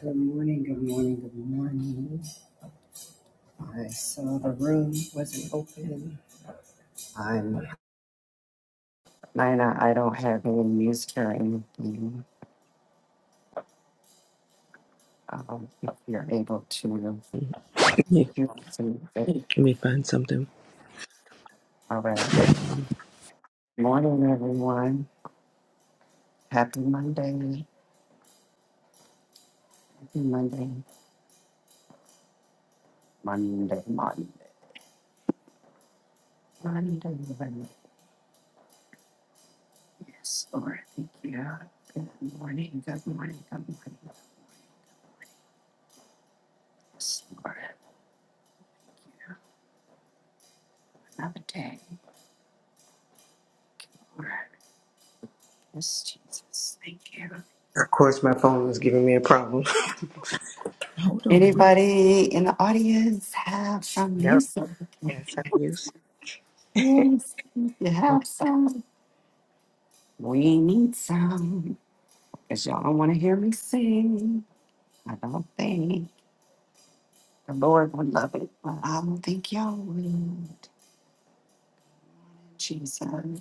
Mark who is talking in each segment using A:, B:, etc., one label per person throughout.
A: Good morning, good morning, good morning. I saw the room wasn't open. I'm Nina, I don't have any music or anything. Um, if you're able to
B: Let me
A: hear something.
B: let me find something.
A: All right. Morning, everyone. Happy Monday. Happy Monday. Monday, Monday, Monday. Monday. Yes, Lord, thank you. Good morning, good morning, good morning. Yes, Lord, another day. Lord, yes, Jesus, thank you.
B: Of course, my phone is giving me a problem. Hold on. What?
A: Anybody in the audience have some
B: No.
A: music?
B: That's how you use.
A: Yes, if you have some. We need some. Because y'all don't want to hear me sing. I don't think the Lord would love it, but I don't think y'all would. Jesus, Lord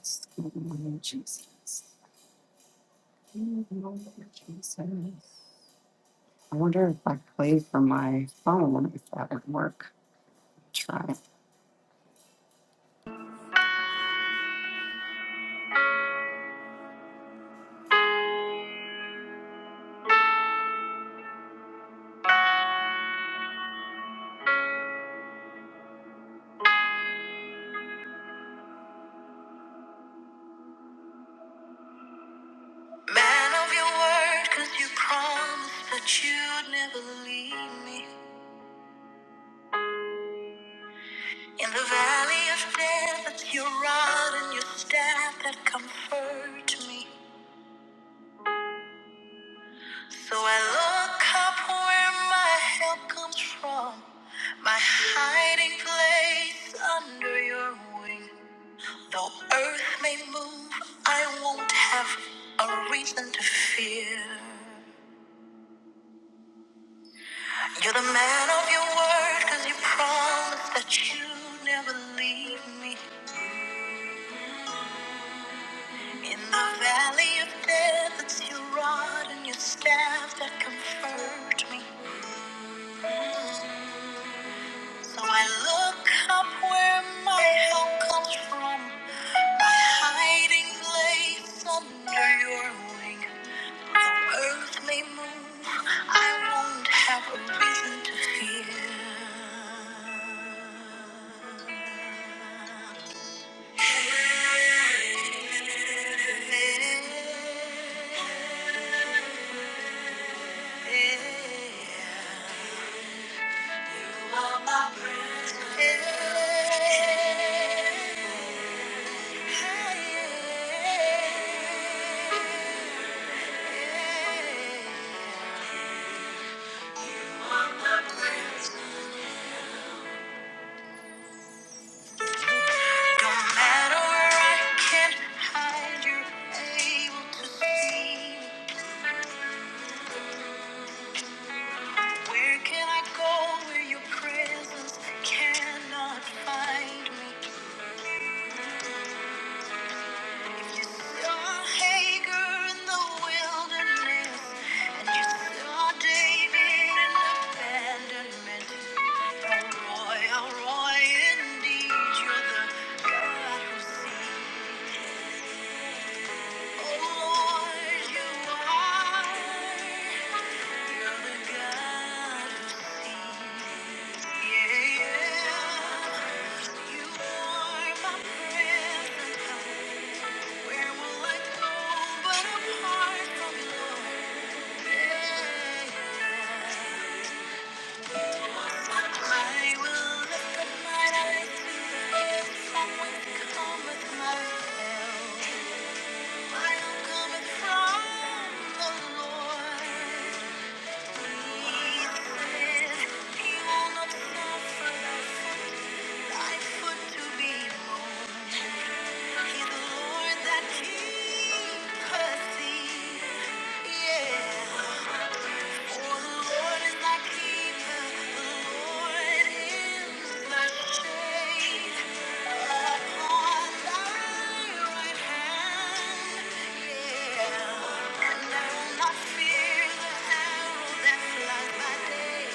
A: Jesus, Lord Jesus. I wonder if I play from my phone, if that would work. Try.
B: Man of your word, 'cause you promised that you'd never leave me. In the valley of death, it's your rod and your staff that comfort me. So I look up where my help comes from, my hiding place under your wing. Though earth may move, I won't have a reason to fear. You're the man of your word, cause you promised that you never leave me. In the valley of death, it's your rod and your staff that comfort me. Mm-hmm. So I look up where my help comes from, my hiding place under your wing. Though earth may move, I won't have a reason to fear. You are my present help. No matter where I can hide, you're able to see. Where can I go where your presence cannot find me? Yeah. yeah. You are my present help. Where will I go but apart from your care? I will lift up eyes to the hills from whence cometh my help. My help cometh from the Lord. He said, He will not suffer thy to be He, the Lord that keepeth thee. Yeah. For the Lord is thy keeper, the Lord is thy shade upon thy right hand. Yeah. And I will not fear the arrow that flies by day,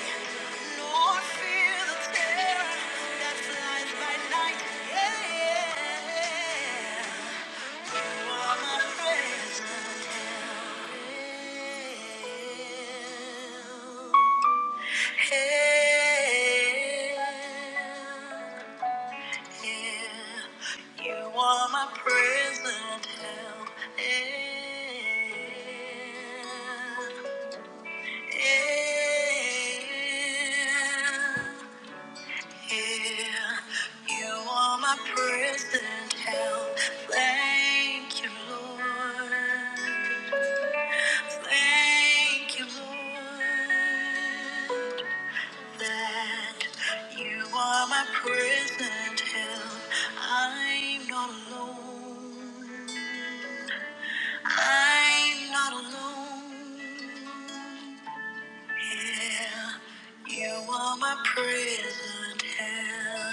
B: nor fear the terror that flies by night. Yeah, yeah. You are my present help. Help, You You are are my my present help. Yeah, yeah, yeah, you are my Present help, thank you, Lord. Thank you, Lord that you are my present help. I'm not alone. I'm not alone. Yeah, you are my present help.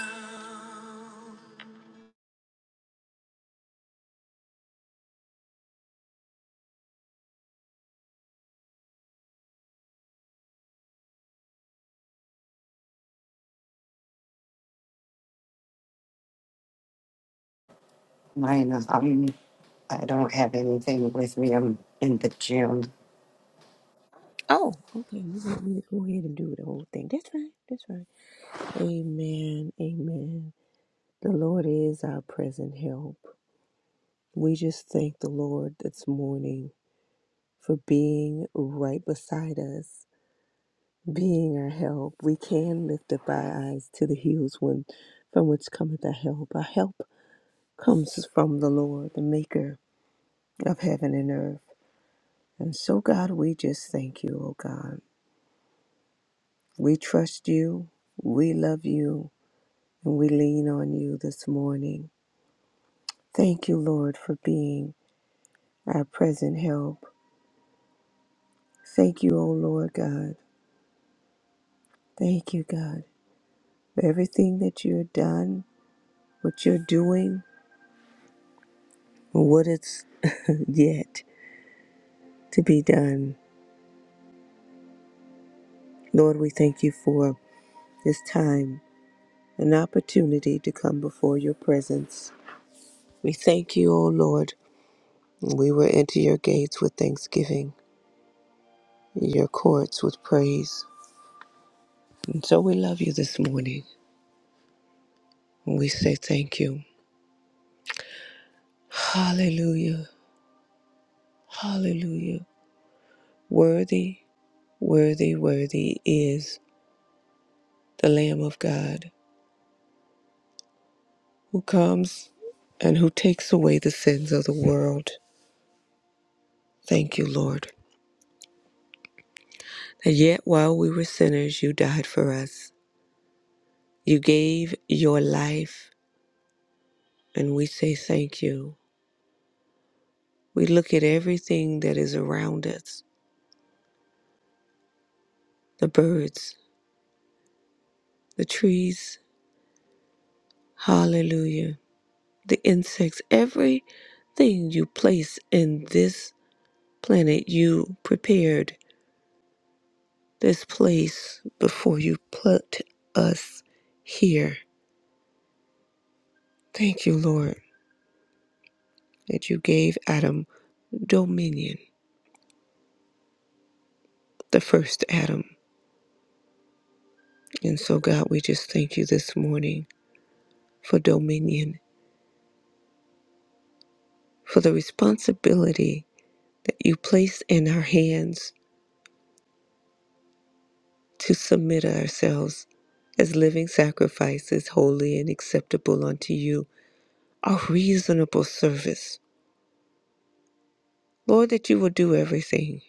A: Mine is. I don't have anything with me. I'm in the gym.
B: Oh, okay. You want me to go ahead and do the whole thing. That's right. That's right. Amen. Amen. The Lord is our present help. We just thank the Lord this morning for being right beside us, being our help. We can lift up our eyes to the hills when, from which cometh our help. Our help comes from the Lord, the maker of heaven and earth. And so, God, we just thank you, oh God. We trust you, we love you, and we lean on you this morning. Thank you, Lord, for being our present help. Thank you, O Lord God. Thank you, God, for everything that you have done, what you're doing, what is yet to be done. Lord, we thank you for this time, an opportunity to come before your presence. We thank you, O Lord. We will enter your gates with thanksgiving, your courts with praise. And so we love you this morning. And we say thank you. Hallelujah. Hallelujah. Worthy, worthy, worthy is the Lamb of God who comes and who takes away the sins of the world. Thank you, Lord, that yet while we were sinners, you died for us. You gave your life, and we say thank you. We look at everything that is around us the birds, the trees, hallelujah, the insects, everything you place in this planet, you prepared this place before you put us here. Thank you, Lord, that you gave Adam dominion, the first Adam. And so, God, we just thank you this morning for dominion, for the responsibility that you place in our hands to submit ourselves as living sacrifices, holy and acceptable unto you, our reasonable service. Lord, that you will do everything.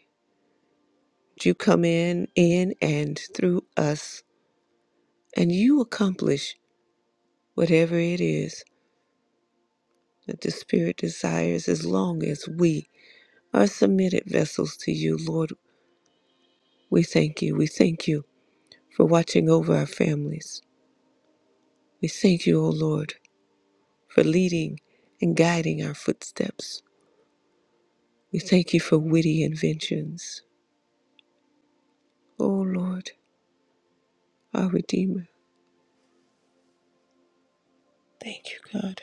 B: That You come in, in, and through us, and you accomplish whatever it is that the Spirit desires as long as we are submitted vessels to you, Lord. We thank you. We thank you for watching over our families. We thank you, O Lord, for leading and guiding our footsteps. We thank you for witty inventions. O Lord, our Redeemer. Thank you, God.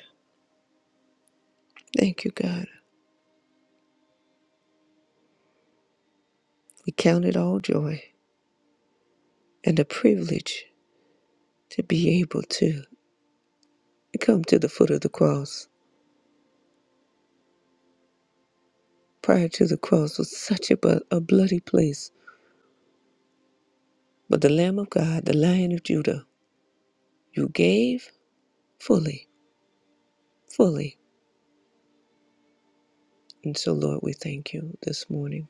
B: Thank you, God. We count it all joy and a privilege to be able to come to the foot of the cross. Prior to the cross was such a, bu- a bloody place, but the Lamb of God, the Lion of Judah, you gave fully, fully And so, Lord, we thank you this morning.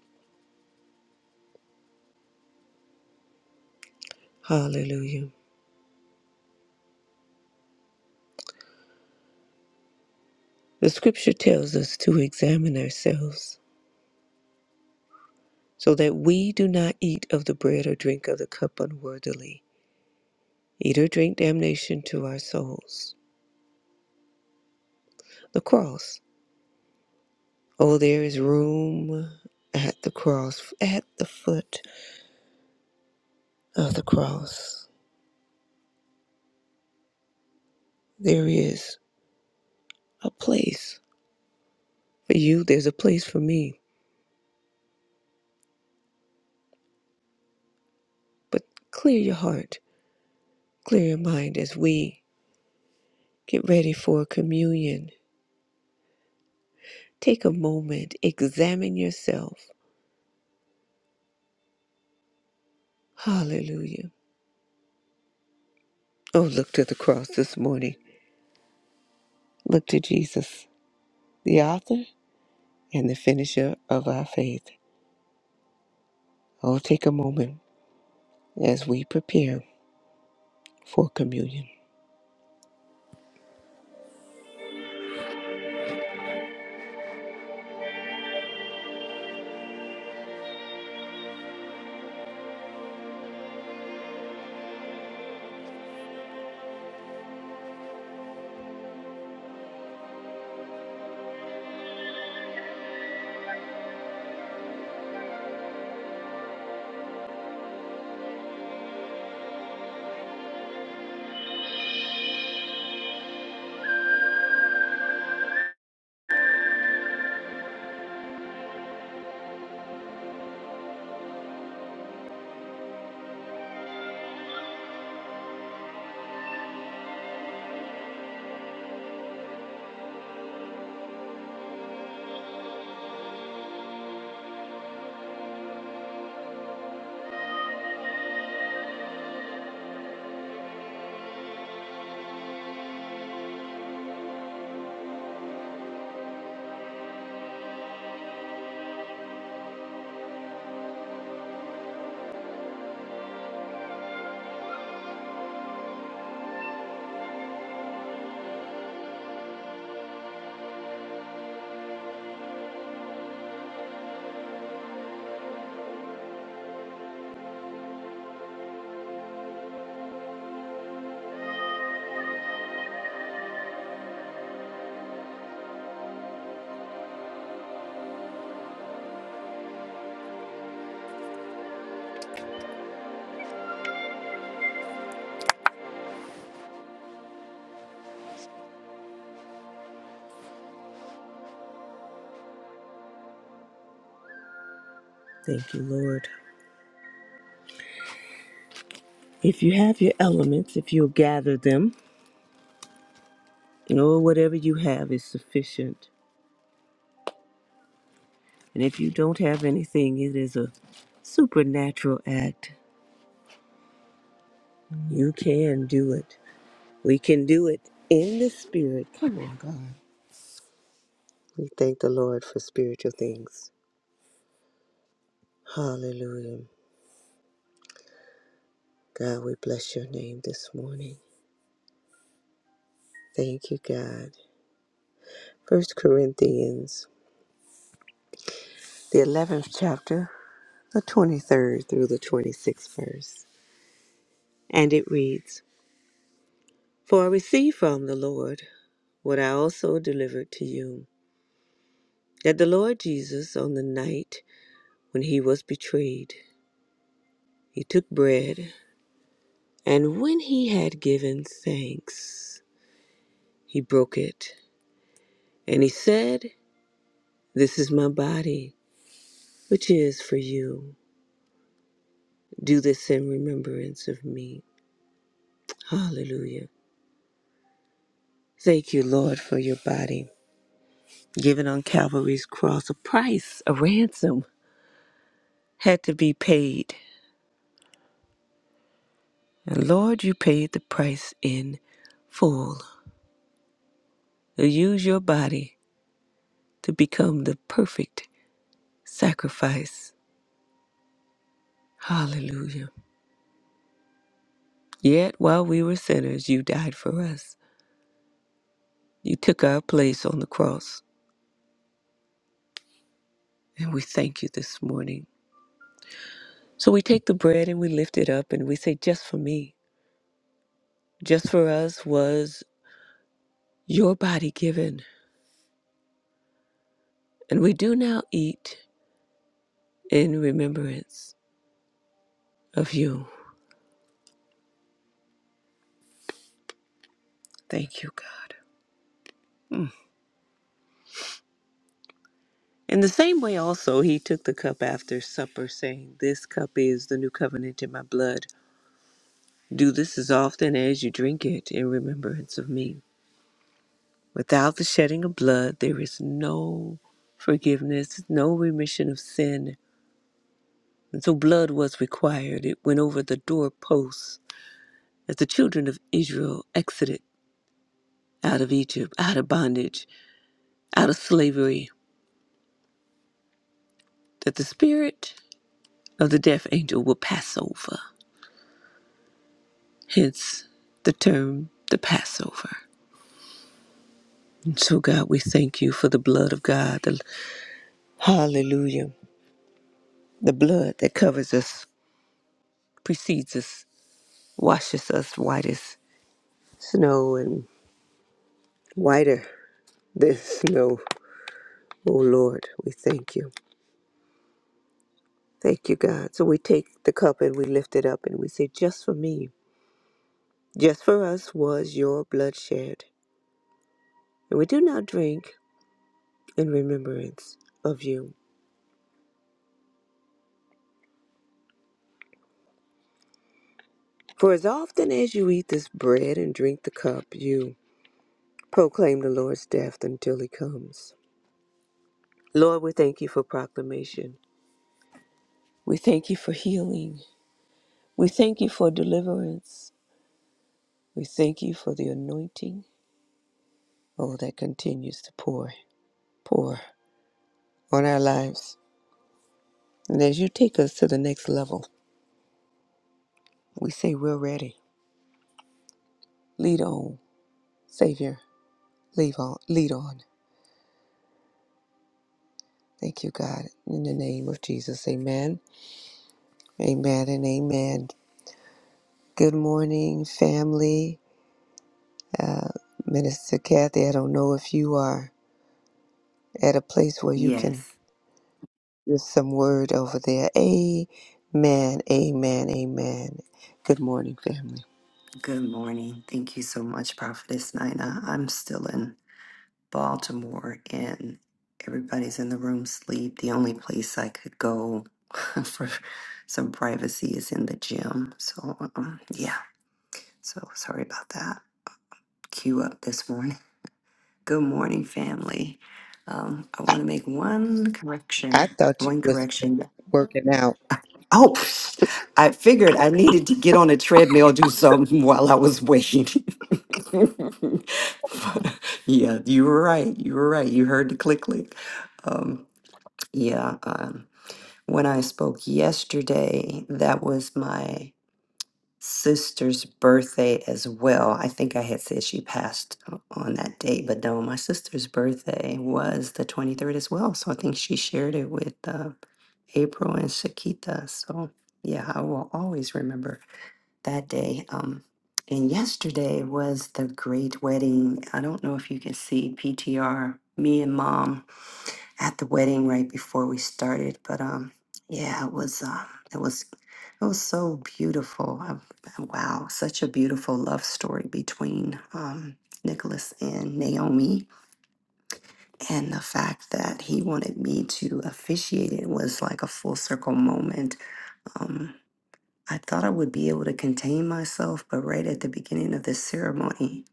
B: Hallelujah. The scripture tells us to examine ourselves so that we do not eat of the bread or drink of the cup unworthily, eat or drink damnation to our souls. The cross. Oh, there is room at the cross, at the foot of the cross. There is a place for you, there's a place for me. But clear your heart, clear your mind as we get ready for communion Take a moment, examine yourself. Hallelujah. Oh, look to the cross this morning. Look to Jesus, the author and the finisher of our faith. Oh, take a moment as we prepare for communion. Thank you, Lord. If you have your elements, if you'll gather them, or whatever you have is sufficient. And if you don't have anything, it is a supernatural act. You can do it. We can do it in the spirit. Come on, God. We thank the Lord for spiritual things. Hallelujah. God, we bless your name this morning. Thank you, God. First Corinthians, the 11th chapter, the 23rd through the 26th verse. And it reads, For I received from the Lord what I also delivered to you, that the Lord Jesus, on the night when he was betrayed, he took bread, and when he had given thanks, he broke it. And he said, This is my body, which is for you. Do this in remembrance of me. Hallelujah. Thank you, Lord, for your body given on Calvary's cross. A price, a ransom had to be paid. And Lord, you paid the price in full. Use your body to become the perfect sacrifice. Hallelujah. Yet while we were sinners, you died for us. You took our place on the cross. And we thank you this morning. So we take the bread and we lift it up and we say, Just for me, just for us was your body given. And we do now eat in remembrance of you. Thank you, God. In the same way, also, he took the cup after supper, saying, This cup is the new covenant in my blood. Do this as often as you drink it in remembrance of me. Without the shedding of blood, there is no forgiveness, no remission of sin. And so blood was required. It went over the doorposts as the children of Israel exited out of Egypt, out of bondage, out of slavery, that the spirit of the death angel will pass over. Hence the term the Passover. And so, God, we thank you for the blood of God. The, hallelujah. The blood that covers us, precedes us, washes us white as snow and whiter than snow. Oh, Lord, we thank you. Thank you, God. So we take the cup and we lift it up and we say, Just for me, just for us was your blood shed. And we do now drink in remembrance of you. For as often as you eat this bread and drink the cup, you proclaim the Lord's death until he comes. Lord, we thank you for proclamation. We thank you for healing. We thank you for deliverance. We thank you for the anointing, oh, that continues to pour, pour on our lives. And as you take us to the next level, we say we're ready. Lead on, Savior. Leave on, lead on. Thank you, God. In the name of Jesus, amen. Amen and amen. Good morning, family. Minister Kathy, I don't know if you are at a place where you can
A: Yes.
B: give some word over there. Amen, amen, amen. Good morning, family.
A: Good morning. Thank you so much, Prophetess Nina. I'm still in Baltimore and everybody's in the room sleep. The only place I could go for some privacy is in the gym. So, um, yeah. So sorry about that. Cue up this morning. Good morning, family. Um, I
B: I,
A: want to make one
B: I
A: correction.
B: thought you
A: One
B: was
A: correction.
B: working out.
A: Oh, psh, I figured I needed to get on a treadmill, do something while I was waiting. yeah, you were right. You were right. You heard the click click. Um, yeah, um, when I spoke yesterday, that was my sister's birthday as well. I think I had said she passed o- on that date, but no, my sister's birthday was the 23rd as well. So I think she shared it with uh, April and Shakita. So yeah, I will always remember that day. Um, and yesterday was the great wedding. I don't know if you can see PTR. Me and mom at the wedding right before we started. But um, yeah, it was um, it was it was so beautiful. Um wow, such a beautiful love story between um, Nicholas and Naomi, and the fact that he wanted me to officiate it was like a full circle moment. Um, I thought I would be able to contain myself, but right at the beginning of this ceremony,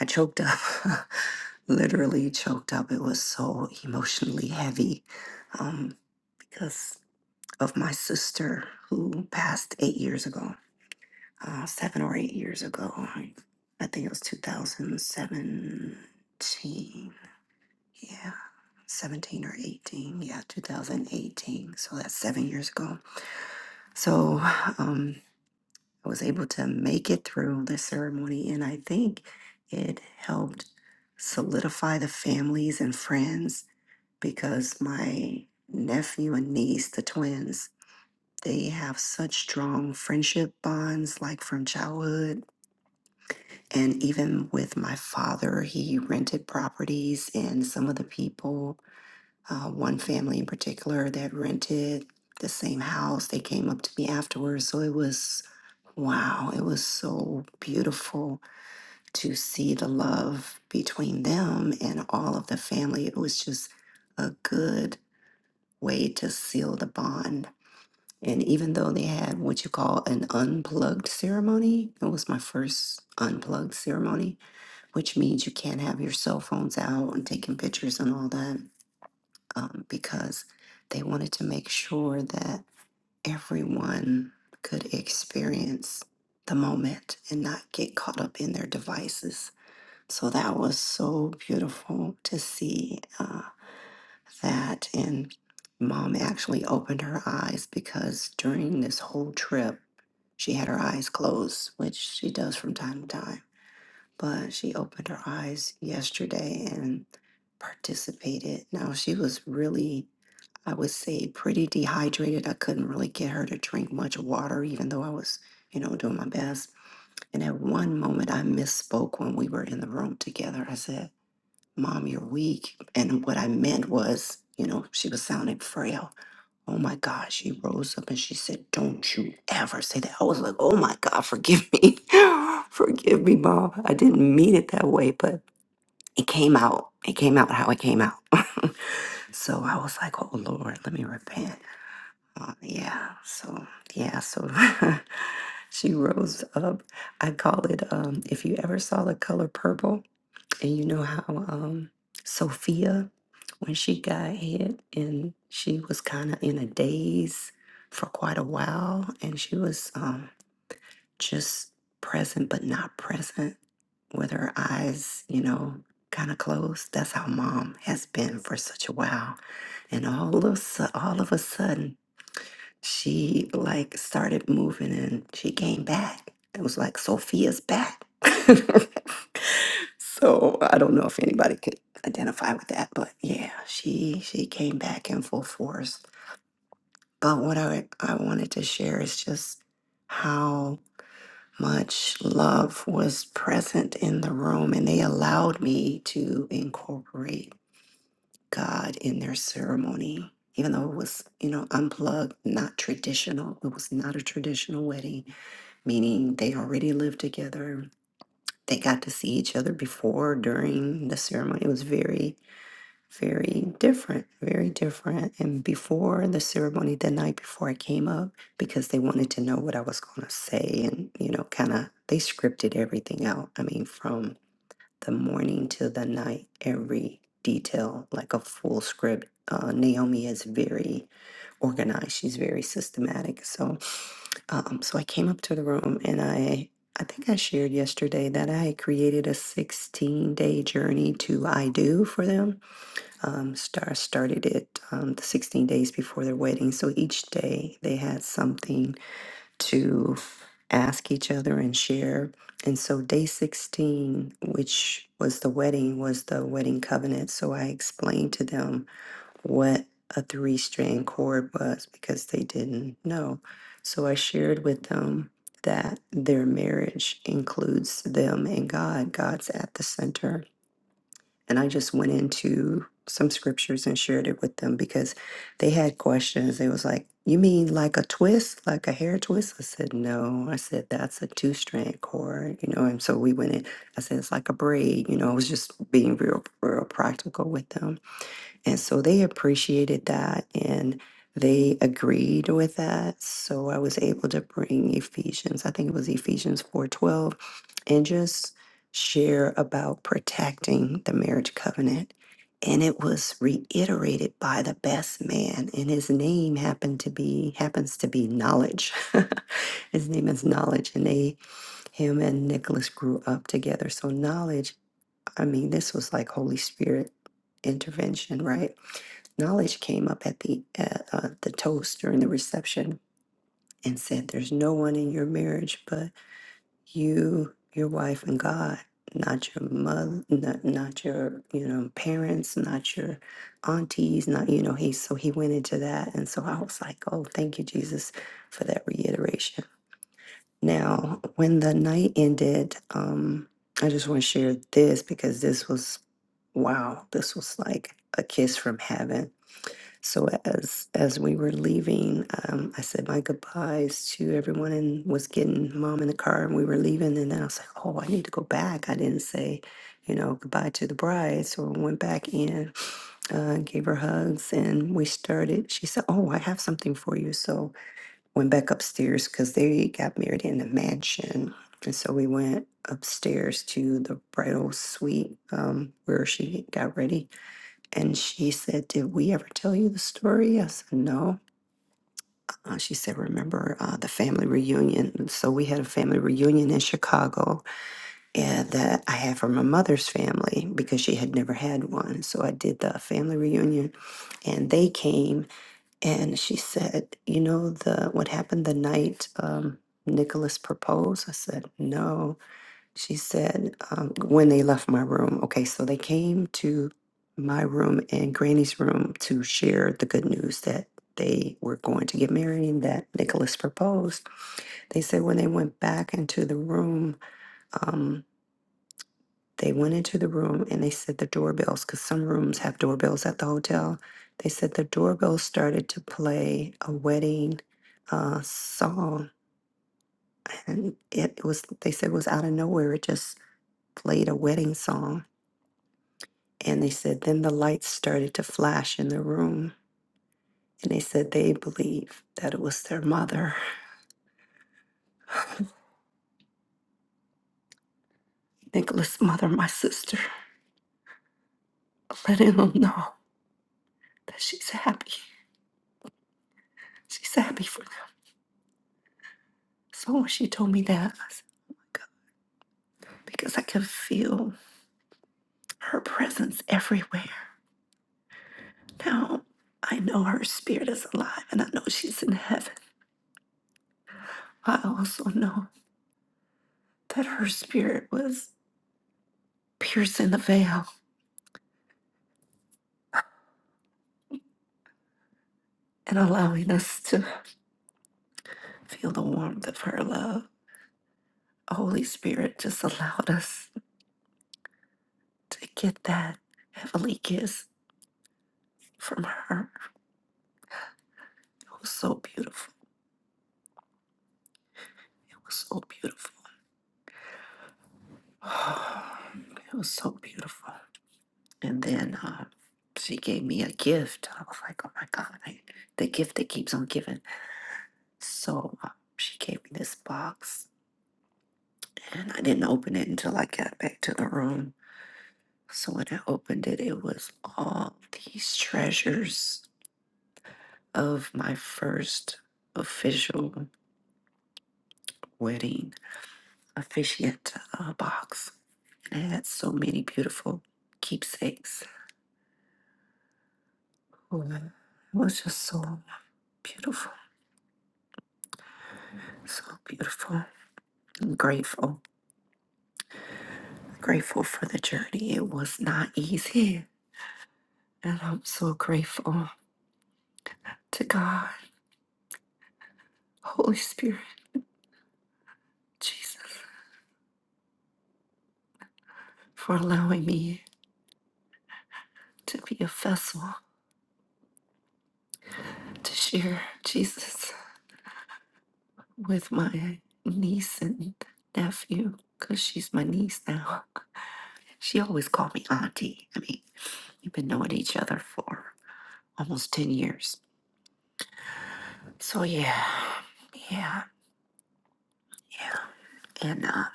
A: I choked up, literally choked up. It was so emotionally heavy um, because of my sister who passed eight years ago, uh, seven or eight years ago. I I think it was 2017. Yeah, 17 or 18. Yeah, 2018. So that's seven years ago. So um, I was able to make it through the ceremony, and I think it helped solidify the families and friends because my nephew and niece, the twins, They have such strong friendship bonds, like from childhood. And even with my father, he rented properties, and some of the people, uh, one family in particular that rented the same house, they came up to me afterwards. So it was, wow, it was so beautiful to see the love between them and all of the family. It was just a good way to seal the bond And even though they had what you call an unplugged ceremony, it was my first unplugged ceremony, which means you can't have your cell phones out and taking pictures and all that um, because they wanted to make sure that everyone could experience the moment and not get caught up in their devices. So that was so beautiful to see. Uh, that. And mom actually opened her eyes because during this whole trip, she had her eyes closed, which she does from time to time. But she opened her eyes yesterday and participated. Now, she was really, I would say, pretty dehydrated. I couldn't really get her to drink much water, even though I was, you know, doing my best. And at one moment, I misspoke when we were in the room together. I said, Mom, you're weak. And what I meant was, you know, she was sounding frail. Oh my God. She rose up and she said, Don't you ever say that. I was like, Oh my God, forgive me. forgive me, Mom. I didn't mean it that way, but it came out. It came out how it came out. so I was like, Oh Lord, let me repent. Uh, yeah. So, yeah. So she rose up. I call it, um, if you ever saw the color purple. And you know how um, Sophia, when she got hit and she was kind of in a daze for quite a while, and she was um, just present but not present with her eyes, you know, kind of closed. That's how mom has been for such a while. And all of, a su- all of a sudden, she like started moving and she came back. It was like Sophia's back. so I don't know if anybody could identify with that, but yeah, she she came back in full force. But what I I wanted to share is just how much love was present in the room and they allowed me to incorporate God in their ceremony, even though it was, you know, unplugged, not traditional. It was not a traditional wedding, meaning they already lived together. They got to see each other before, during the ceremony. It was very, very different, very different. And before the ceremony, the night before I came up, because they wanted to know what I was going to say, and, you know, kind of, they scripted everything out. I mean, from the morning to the night, every detail, like a full script. Uh, Naomi is very organized. She's very systematic. So, um, so I came up to the room and I, I think I shared yesterday that I had created a 16 day journey to I do for them. Um, star started it um, the 16 days before their wedding. So each day they had something to ask each other and share. And so, day 16, which was the wedding, was the wedding covenant. So, I explained to them what a three strand cord was because they didn't know. So, I shared with them that their marriage includes them and God, God's at the center and I just went into some scriptures and shared it with them because they had questions. They was like, You mean like a twist, like a hair twist? I said, No. I said, That's a two strand cord, you know. And so we went in, I said, It's like a braid, you know. I was just being real, real practical with them. And so they appreciated that and they agreed with that. So I was able to bring Ephesians, I think it was Ephesians 4:12, and just share about protecting the marriage covenant. And it was reiterated by the best man, and his name happened to be happens to be knowledge. his name is knowledge, and they him and Nicholas grew up together. So knowledge I mean, this was like Holy Spirit intervention, right? Knowledge came up at the uh, uh, the toast during the reception and said, "There's no one in your marriage but you, your wife, and God. Not your mother, not, not your you know parents, not your aunties, not you know." He so he went into that, and so I was like, "Oh, thank you, Jesus, for that reiteration." Now, when the night ended, um, I just want to share this because this was wow, this was like a kiss from heaven. So as as we were leaving, um, I said my goodbyes to everyone and was getting mom in the car and we were leaving. And then I was like, oh, I need to go back. I didn't say, you know, goodbye to the bride. So I went back in, uh, gave her hugs, and we started. She said, oh, I have something for you. So went back upstairs because they got married in a mansion. And so we went upstairs to the bridal suite um, where she got ready and she said, Did we ever tell you the story? I said, No. Uh, she said, Remember uh, the family reunion? And So we had a family reunion in Chicago and that I had from my mother's family because she had never had one. So I did the family reunion and they came. And she said, You know, the what happened the night um, Nicholas proposed? I said, No. She said, um, when they left my room, okay, so they came to my room and Granny's room to share the good news that they were going to get married and that Nicholas proposed. They said when they went back into the room, um, they went into the room and they said the doorbells, because some rooms have doorbells at the hotel. They said the doorbell started to play a wedding uh, song, and it was, they said, it was out of nowhere. It just played a wedding song And they said, then the lights started to flash in the room. And they said they believe that it was their mother, Nicholas' mother, my sister, letting them know that she's happy. She's happy for them. So when she told me that, I said, oh my God, because I could feel her presence everywhere. Now I know her spirit is alive and I know she's in heaven. I also know that her spirit was piercing the veil and allowing us to feel the warmth of her love. Holy Spirit just allowed us to get that heavenly kiss from her. It was so beautiful. It was so beautiful. It was so beautiful. And then uh, she gave me a gift. I was like, oh my God, I, the gift that keeps on giving. So uh, she gave me this box, and I didn't open it until I got back to the room. So when I opened it, it was all these treasures of my first official wedding officiant uh, box. And it had so many beautiful keepsakes. Oh, It was just so beautiful, so beautiful. I'm grateful, grateful for the journey. It was not easy. And I'm so grateful to God, Holy Spirit, Jesus, for allowing me to be a vessel to share Jesus with my niece and nephew, because she's my niece now. She always called me auntie. I mean, we've been knowing each other for almost 10 years. So, yeah, yeah, yeah. And uh,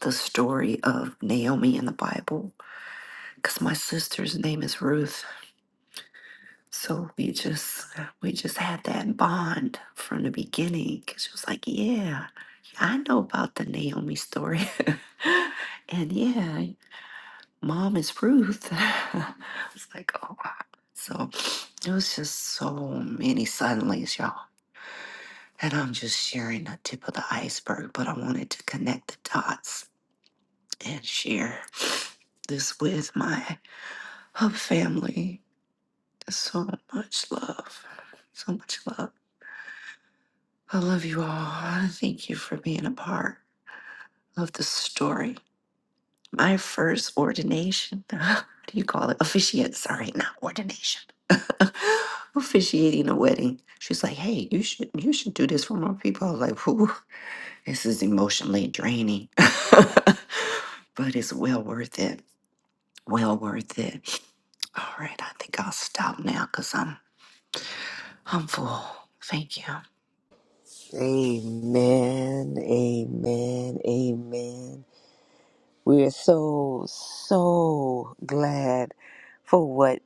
A: the story of Naomi in the Bible, because my sister's name is Ruth. So we just we just had that bond from the beginning. 'cause she was like, "Yeah, I know about the Naomi story," and yeah, Mom is Ruth. I was like, "Oh wow!" So It was just so many suddenlies, y'all. And I'm just sharing the tip of the iceberg, but I wanted to connect the dots and share this with my hub family. So much love. So much love. I love you all. I Thank you for being a part of the story. My first ordination. What do you call it? Officiate. Sorry, not ordination. officiating a wedding. She's like, "Hey, you should you should do this for more people." I was like, "Who?" This is emotionally draining, but it's well worth it. Well worth it. All right, I think I'll stop now because I'm I'm full. Thank you.
B: Amen, amen, amen. We are so, so glad for what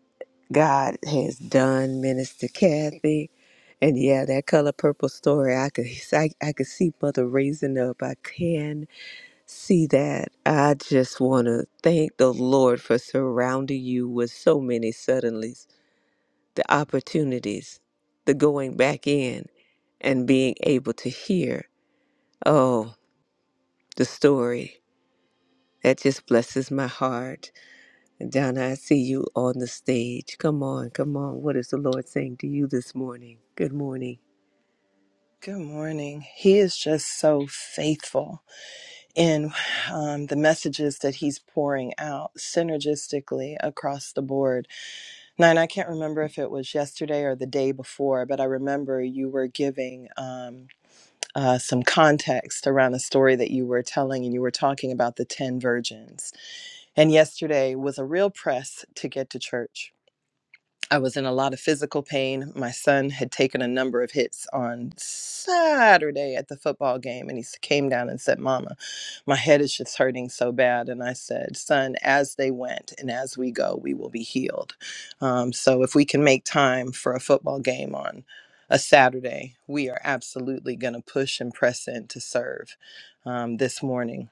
B: God has done, Minister Kathy. And yeah, that color purple story, I could, I, I could see Mother raising up. I can see that. I just want to thank the Lord for surrounding you with so many suddenlies, the opportunities, the going back in and being able to hear. oh, the story. That just blesses my heart. Donna, I see you on the stage. Come on, come on. What is the Lord saying to you this morning? Good morning.
C: Good morning. He is just so faithful in um, the messages that he's pouring out synergistically across the board. Now, I can't remember if it was yesterday or the day before, but I remember you were giving um, uh, some context around a story that you were telling, and you were talking about the 10 virgins. And yesterday was a real press to get to church I was in a lot of physical pain. My son had taken a number of hits on Saturday at the football game, and he s- came down and said, Mama, my head is just hurting so bad. And I said, Son, as they went and as we go, we will be healed. Um, so if we can make time for a football game on a Saturday, we are absolutely going to push and press in to serve um, this morning.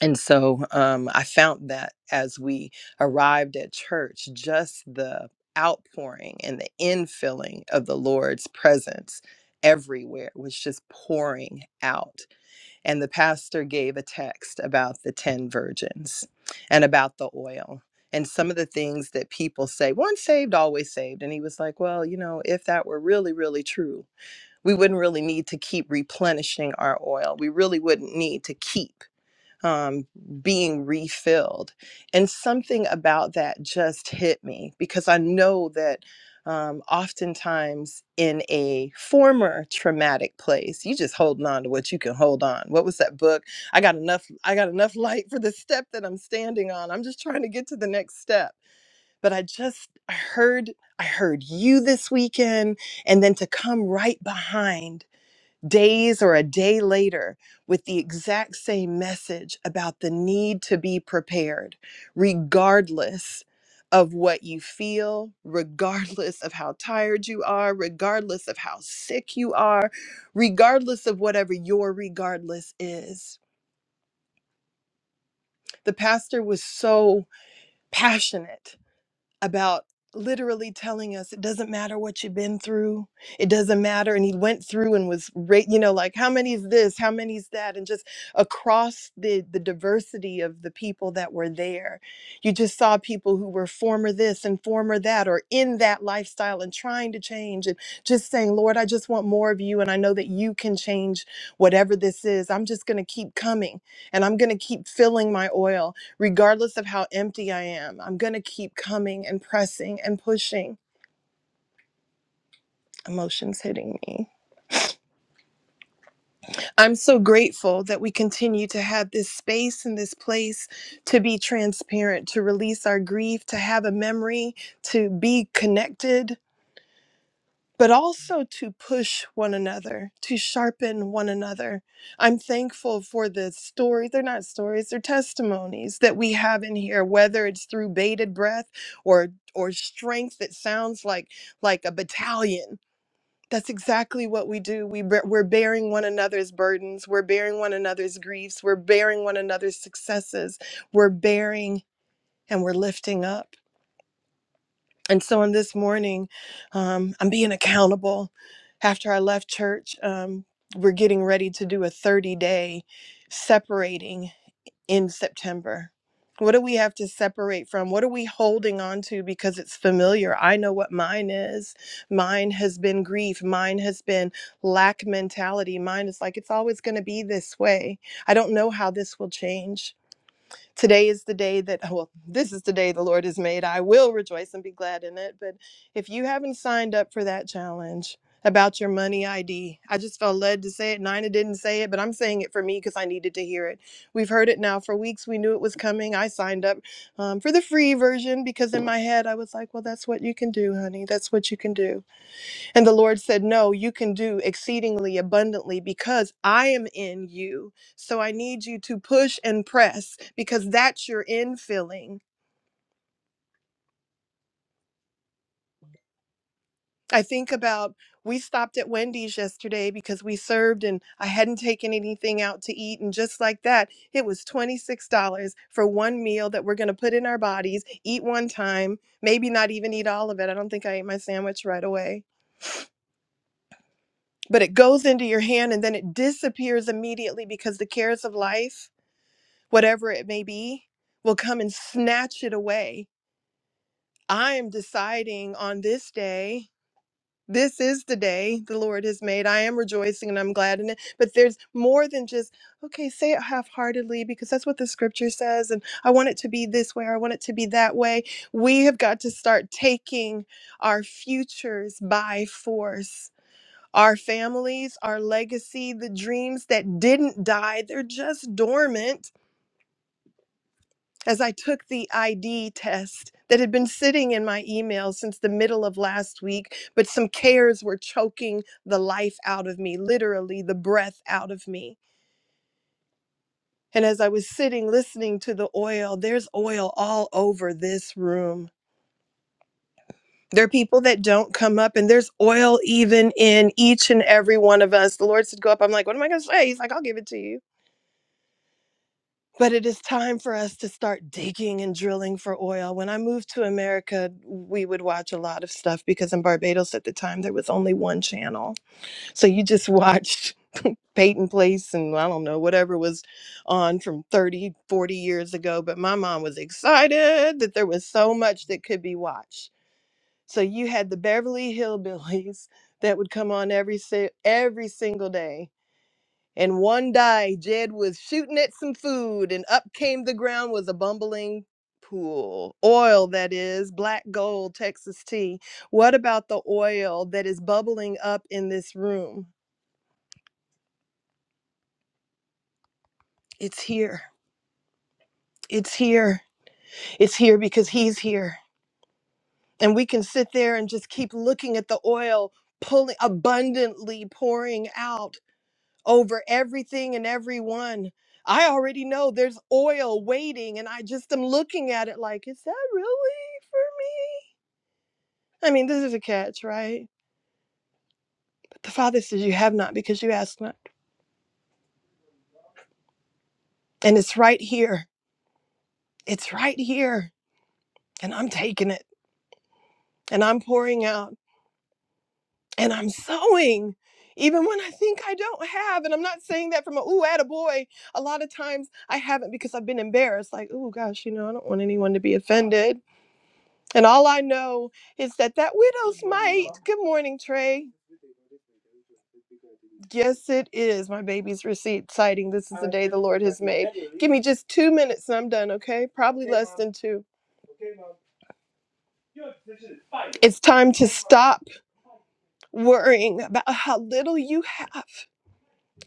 C: And so um, I found that as we arrived at church, just the outpouring and the infilling of the Lord's presence everywhere was just pouring out. And the pastor gave a text about the 10 virgins and about the oil and some of the things that people say once saved, always saved. And he was like, well, you know, if that were really, really true, we wouldn't really need to keep replenishing our oil. We really wouldn't need to keep um, being refilled. And something about that just hit me because I know that um, oftentimes in a former traumatic place, you just holding on to what you can hold on. What was that book? I got enough. I got enough light for the step that I'm standing on. I'm just trying to get to the next step. But I just I heard I heard you this weekend, and then to come right behind days or a day later with the exact same message about the need to be prepared, regardless of what you feel, regardless of how tired you are, regardless of how sick you are, regardless of whatever your regardless is. The pastor was so passionate about literally telling us it doesn't matter what you've been through it doesn't matter and he went through and was rate you know like how many is this how many is that and just across the the diversity of the people that were there you just saw people who were former this and former that or in that lifestyle and trying to change and just saying lord i just want more of you and i know that you can change whatever this is i'm just going to keep coming and i'm going to keep filling my oil regardless of how empty I am, I'm going to keep coming and pressing and pushing. Emotions hitting me. I'm so grateful that we continue to have this space and this place to be transparent, to release our grief, to have a memory, to be connected. but also to push one another, to sharpen one another. I'm thankful for the story. They're not stories, they're testimonies that we have in here, whether it's through bated breath or or strength that sounds like like a battalion. That's exactly what we do. We bear- we're bearing one another's burdens. We're bearing one another's griefs. We're bearing one another's successes. We're bearing and we're lifting up. And so on this morning, um, I'm being accountable. After I left church, um, we're getting ready to do a 30 day separating in September. What do we have to separate from? What are we holding on to because it's familiar? I know what mine is. Mine has been grief. Mine has been lack mentality. Mine is like, it's always going to be this way. I don't know how this will change. Today is the day that, well, this is the day the Lord has made. I will rejoice and be glad in it. But if you haven't signed up for that challenge about your money ID, I just felt led to say it. Nina didn't say it, but I'm saying it for me because I needed to hear it. We've heard it now for weeks. We knew it was coming. I signed up um, for the free version because in my head I was like, well, that's what you can do, honey. That's what you can do and the Lord said, No, you can do exceedingly abundantly because I am in you. So I need you to push and press because that's your infilling. I think about we stopped at Wendy's yesterday because we served and I hadn't taken anything out to eat. And just like that, it was $26 for one meal that we're going to put in our bodies, eat one time, maybe not even eat all of it. I don't think I ate my sandwich right away. But it goes into your hand and then it disappears immediately because the cares of life whatever it may be, will come and snatch it away. I am deciding on this day. This is the day the Lord has made. I am rejoicing and I'm glad in it. But there's more than just, okay, say it half heartedly because that's what the scripture says. And I want it to be this way or I want it to be that way. We have got to start taking our futures by force. Our families, our legacy, the dreams that didn't die, they're just dormant as I took the ID test that had been sitting in my email since the middle of last week, but some cares were choking the life out of me, literally the breath out of me. And as I was sitting listening to the oil, there's oil all over this room. There are people that don't come up, and there's oil even in each and every one of us. The Lord said, Go up. I'm like, What am I going to say? He's like, I'll give it to you. But it is time for us to start digging and drilling for oil. When I moved to America, we would watch a lot of stuff because in Barbados at the time there was only one channel. So you just watched Peyton Place and I don't know, whatever was on from 30, 40 years ago. But my mom was excited that there was so much that could be watched. So you had the Beverly Hillbillies that would come on every si- every single day and one day, Jed was shooting at some food, and up came the ground was a bumbling pool. Oil, that is, black gold, Texas tea. What about the oil that is bubbling up in this room? It's here. It's here. It's here because he's here. And we can sit there and just keep looking at the oil pulling abundantly pouring out over everything and everyone. I already know there's oil waiting, and I just am looking at it like, is that really for me? I mean, this is a catch, right? But the Father says, You have not because you ask not. And it's right here. It's right here. And I'm taking it, and I'm pouring out, and I'm sowing. Even when I think I don't have, and I'm not saying that from a ooh, attaboy. A lot of times I haven't because I've been embarrassed, like, ooh, gosh, you know, I don't want anyone to be offended And all I know is that that widow's mite. Good morning, Trey. Yes, it is. My baby's receipt citing. This is the day the Lord has made. Give me just two minutes and I'm done, okay? Probably less than two. It's time to stop worrying about how little you have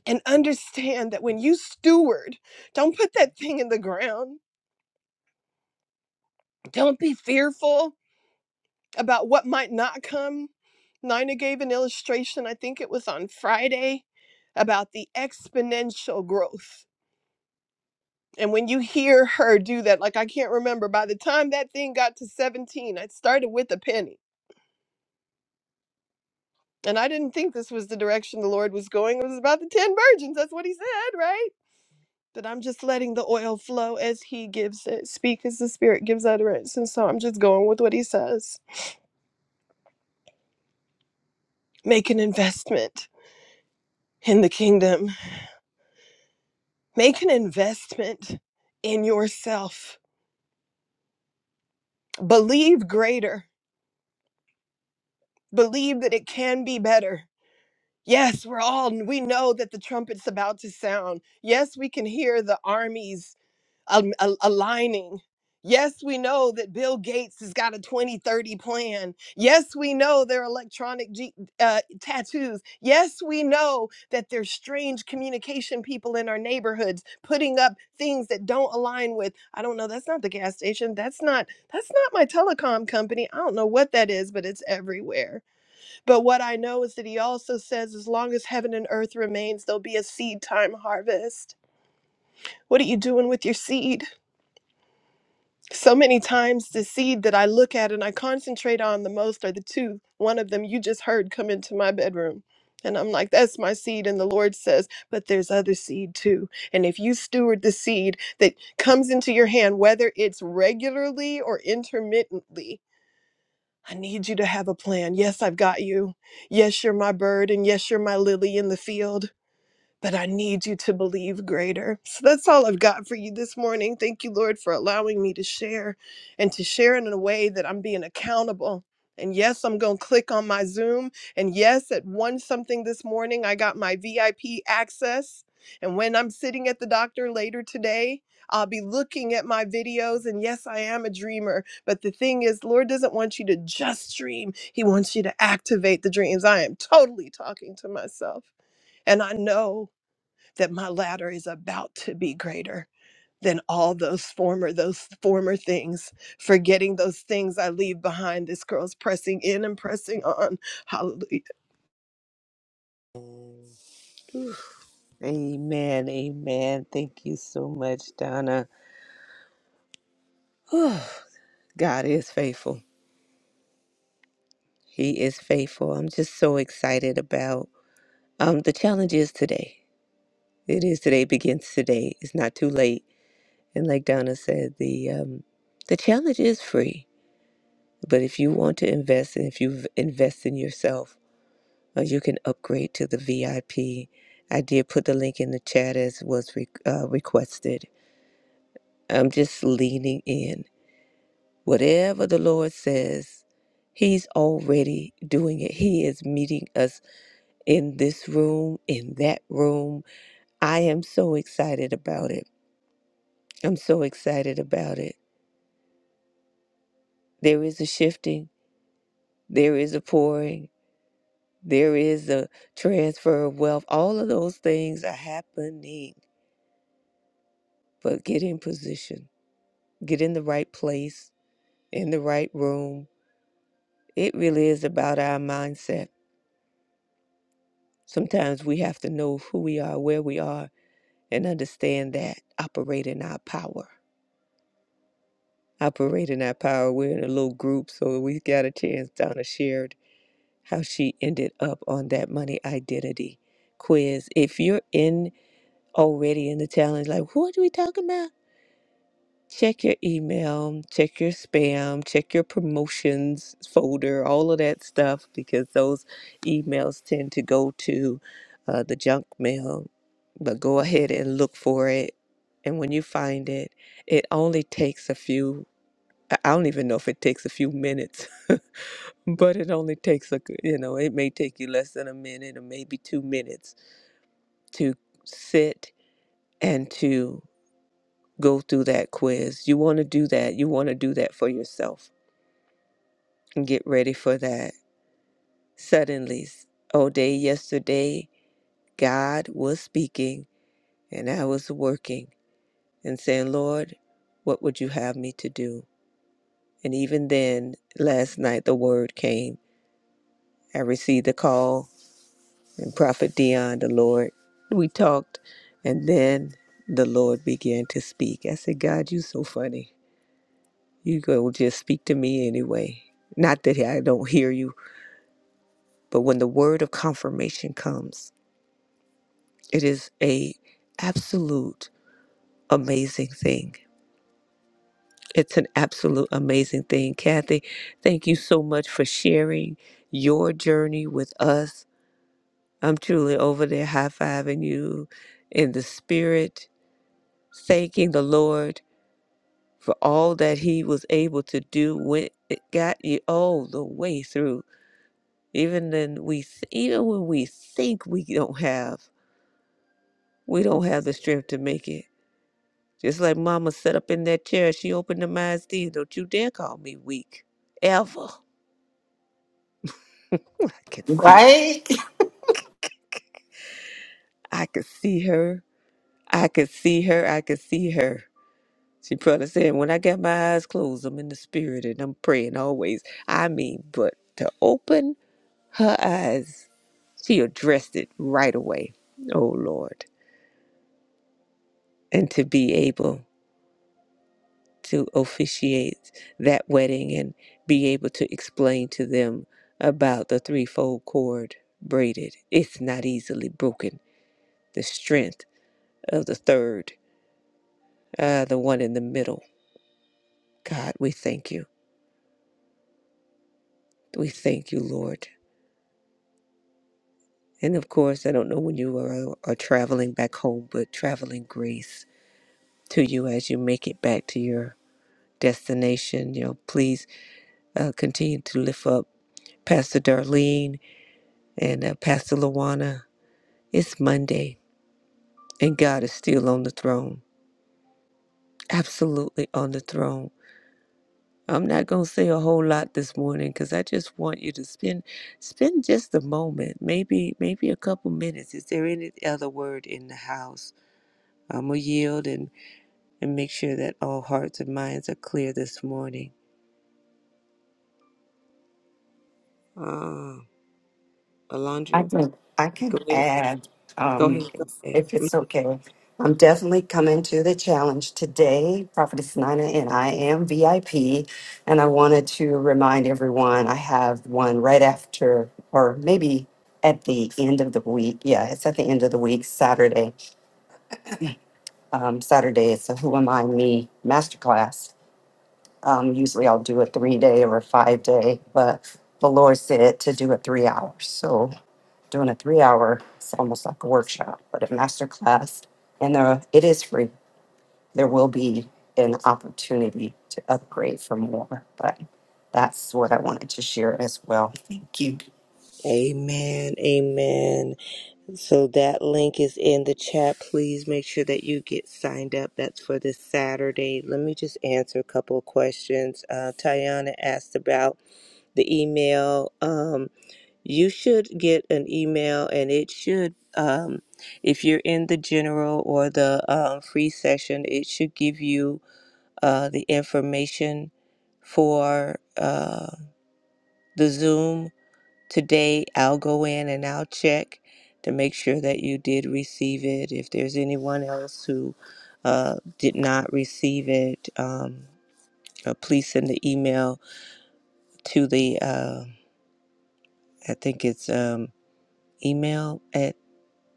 C: and understand that when you steward, don't put that thing in the ground. Don't be fearful about what might not come. Nina gave an illustration, I think it was on Friday, about the exponential growth And when you hear her do that, like I can't remember, by the time that thing got to 17, I started with a penny. And I didn't think this was the direction the Lord was going. It was about the 10 virgins. That's what he said, right? But I'm just letting the oil flow as he gives it, speak as the Spirit gives utterance. And so I'm just going with what he says. Make an investment in the kingdom, make an investment in yourself. Believe greater, believe that it can be better Yes, we're all, we know that the trumpet's about to sound. Yes, we can hear the armies um, al- aligning. Yes, we know that Bill Gates has got a 2030 plan. Yes, we know there are electronic ge- uh, tattoos. Yes, we know that there's strange communication people in our neighborhoods putting up things that don't align with, I don't know, that's not the gas station. That's not, that's not my telecom company. I don't know what that is, but it's everywhere. But what I know is that he also says, as long as heaven and earth remains, there'll be a seed time harvest. What are you doing with your seed? So many times, the seed that I look at and I concentrate on the most are the two. One of them you just heard come into my bedroom. And I'm like, that's my seed. And the Lord says, but there's other seed too. And if you steward the seed that comes into your hand, whether it's regularly or intermittently, I need you to have a plan. Yes, I've got you. Yes, you're my bird, and yes, you're my lily in the field but I need you to believe greater. So that's all I've got for you this morning. Thank you, Lord, for allowing me to share and to share in a way that I'm being accountable. And yes, I'm going to click on my Zoom. And yes, at one something this morning, I got my VIP access. And when I'm sitting at the doctor later today, I'll be looking at my videos. And yes, I am a dreamer. But the thing is, Lord doesn't want you to just dream, He wants you to activate the dreams. I am totally talking to myself. And I know that my latter is about to be greater than all those former those former things forgetting those things i leave behind this girl's pressing in and pressing on hallelujah
B: Amen, amen. Thank you so much, Donna. Whew. God is faithful. He is faithful. I'm just so excited about um the challenge is today. It is today begins today. It's not too late. And like Donna said, the um the challenge is free. But if you want to invest and if you invest in yourself, or you can upgrade to the VIP. I P. I did put the link in the chat as was re- uh, requested. I'm just leaning in. Whatever the Lord says, He's already doing it. He is meeting us in this room, in that room. I am so excited about it. I'm so excited about it. There is a shifting, there is a pouring, there is a transfer of wealth. All of those things are happening. But get in position get in the right place, in the right room. It really is about our mindset. Sometimes we have to know who we are, where we are, and understand that. Operate in our power. Operate in our power. We're in a little group, so we got a chance. Donna shared how she ended up on that money identity quiz. If you're in already in the challenge, like, what are we talking about? Check your email, check your spam, check your promotions folder, all of that stuff, because those emails tend to go to uh, the junk mail. But go ahead and look for it. And when you find it, it only takes a few, I I don't even know if it takes a few minutes, but it only takes a, you know, it may take you less than a minute or maybe two minutes to sit and to go through that quiz. You want to do that. You want to do that for yourself and get ready for that. Suddenly, all day yesterday, God was speaking and I was working and saying, Lord, what would you have me to do? And even then, last night, the word came. I received the call and Prophet Dion, the Lord, we talked and then the Lord began to speak. I said, God, you so funny. You go just speak to me anyway. Not that I don't hear you, but when the word of confirmation comes, it is a absolute amazing thing. It's an absolute amazing thing. Kathy, thank you so much for sharing your journey with us. I'm truly over there high fiving you in the spirit, thanking the Lord for all that He was able to do when it got you all the way through Even then we th- even when we think we don't have, we don't have the strength to make it. Just like mama sat up in that chair, she opened her eyes then. Don't you dare call me weak. Ever. I could see.
A: Right?
B: I could see her. I could see her. I could see her. She probably said, When I got my eyes closed, I'm in the spirit and I'm praying always. I mean, but to open her eyes, she addressed it right away. Oh Lord. And to be able to officiate that wedding and be able to explain to them about the threefold cord braided. It's not easily broken. The strength of the third, uh, the one in the middle. God, we thank you. We thank you, Lord. And of course, I don't know when you are, are traveling back home, but traveling grace to you as you make it back to your destination. You know, please uh, continue to lift up Pastor Darlene and uh, Pastor Luana It's Monday, and God is still on the throne. Absolutely on the throne. I'm not going to say a whole lot this morning because I just want you to spend spend just a moment, maybe maybe a couple minutes. Is there any other word in the house? I'm gonna yield and and make sure that all hearts and minds are clear this morning. Ah,
A: I
B: Alondra,
A: can I
B: go
A: can
B: ahead,
A: add
B: go
A: um,
B: ahead, go
A: if
B: ahead.
A: it's okay. I'm definitely coming to the challenge today, Prophetess Nina, and I am VIP. And I wanted to remind everyone I have one right after, or maybe at the end of the week. Yeah, it's at the end of the week, Saturday. Um, Saturday, it's a Who Am I Me masterclass. Um, usually I'll do a three day or a five day, but the Lord said to do it three hours. So doing a three hour, it's almost like a workshop, but a master class. And there, it is free. There will be an opportunity to upgrade for more, but that's what I wanted to share as well. Thank you.
B: Amen. Amen. So that link is in the chat. Please make sure that you get signed up. That's for this Saturday. Let me just answer a couple of questions. Uh, Tayana asked about the email. Um, you should get an email and it should um, if you're in the general or the um, free session it should give you uh, the information for uh, the zoom today i'll go in and i'll check to make sure that you did receive it if there's anyone else who uh, did not receive it um, uh, please send the email to the uh, i think it's um, email at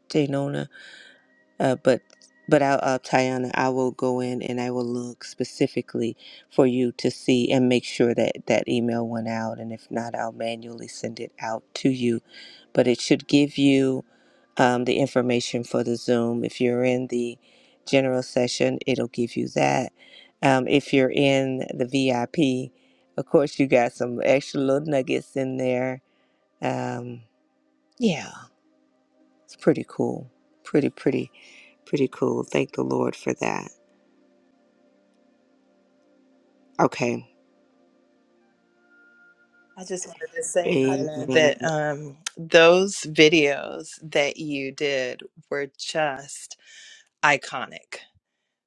B: janona Uh, but but I, uh, Tiana, I will go in and I will look specifically for you to see and make sure that that email went out. And if not, I'll manually send it out to you. But it should give you um, the information for the Zoom. If you're in the general session, it'll give you that. Um, if you're in the VIP, of course, you got some extra little nuggets in there. Um, yeah. It's pretty cool. Pretty, pretty, pretty cool. Thank the Lord for that. Okay.
C: I just wanted to say, Nina, that
B: Amen.
C: um, those videos that you did were just iconic.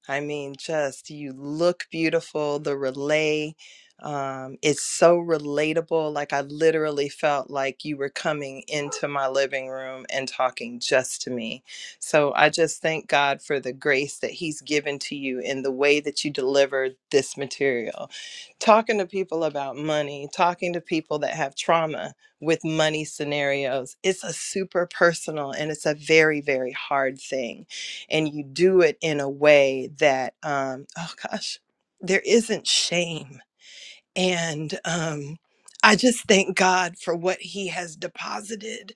C: I mean, just you look beautiful. The relay um, is so relatable. Like, I literally felt like you were coming into my living room and talking just to me. So, I just thank God for the grace that He's given to you in the way that you delivered this material. Talking to people about money, talking to people that have trauma with money scenarios, it's a super personal and it's a very, very hard thing and you do it in a way that, um, oh gosh, there isn't shame. And um, I just thank God for what He has deposited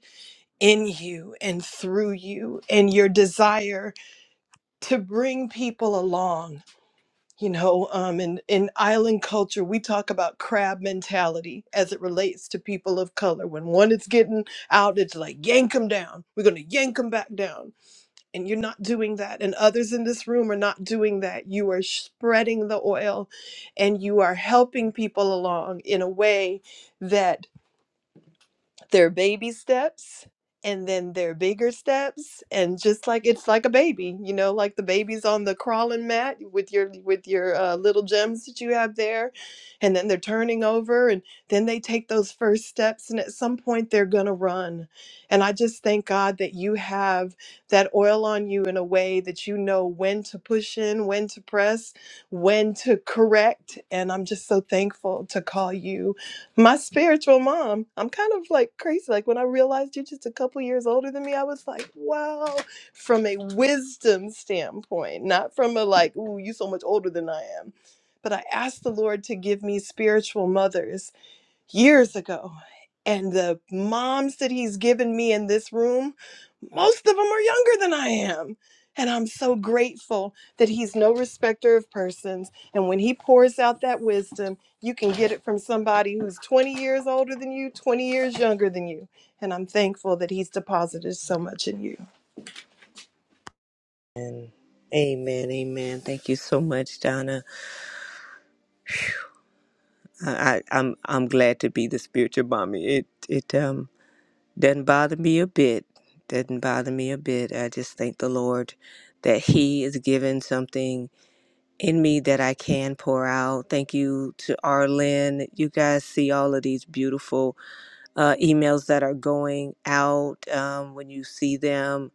C: in you and through you and your desire to bring people along you know um in in island culture we talk about crab mentality as it relates to people of color when one is getting out it's like yank them down we're going to yank them back down and you're not doing that and others in this room are not doing that you are spreading the oil and you are helping people along in a way that their baby steps and then their bigger steps and just like it's like a baby you know like the baby's on the crawling mat with your with your uh, little gems that you have there and then they're turning over and then they take those first steps and at some point they're going to run and i just thank god that you have that oil on you in a way that you know when to push in when to press when to correct and i'm just so thankful to call you my spiritual mom. I'm kind of like crazy. Like when I realized you're just a couple years older than me, I was like, wow, from a wisdom standpoint, not from a like, ooh, you so much older than I am. But I asked the Lord to give me spiritual mothers years ago. And the moms that he's given me in this room, most of them are younger than I am. And I'm so grateful that he's no respecter of persons. And when he pours out that wisdom, you can get it from somebody who's 20 years older than you, 20 years younger than you. And I'm thankful that he's deposited so much in you.
B: Amen. Amen. Thank you so much, Donna. I, I, I'm I'm glad to be the spiritual mommy. It it um doesn't bother me a bit. Doesn't bother me a bit. I just thank the Lord that He is given something in me that I can pour out. Thank you to Arlen. You guys see all of these beautiful uh, emails that are going out um, when you see them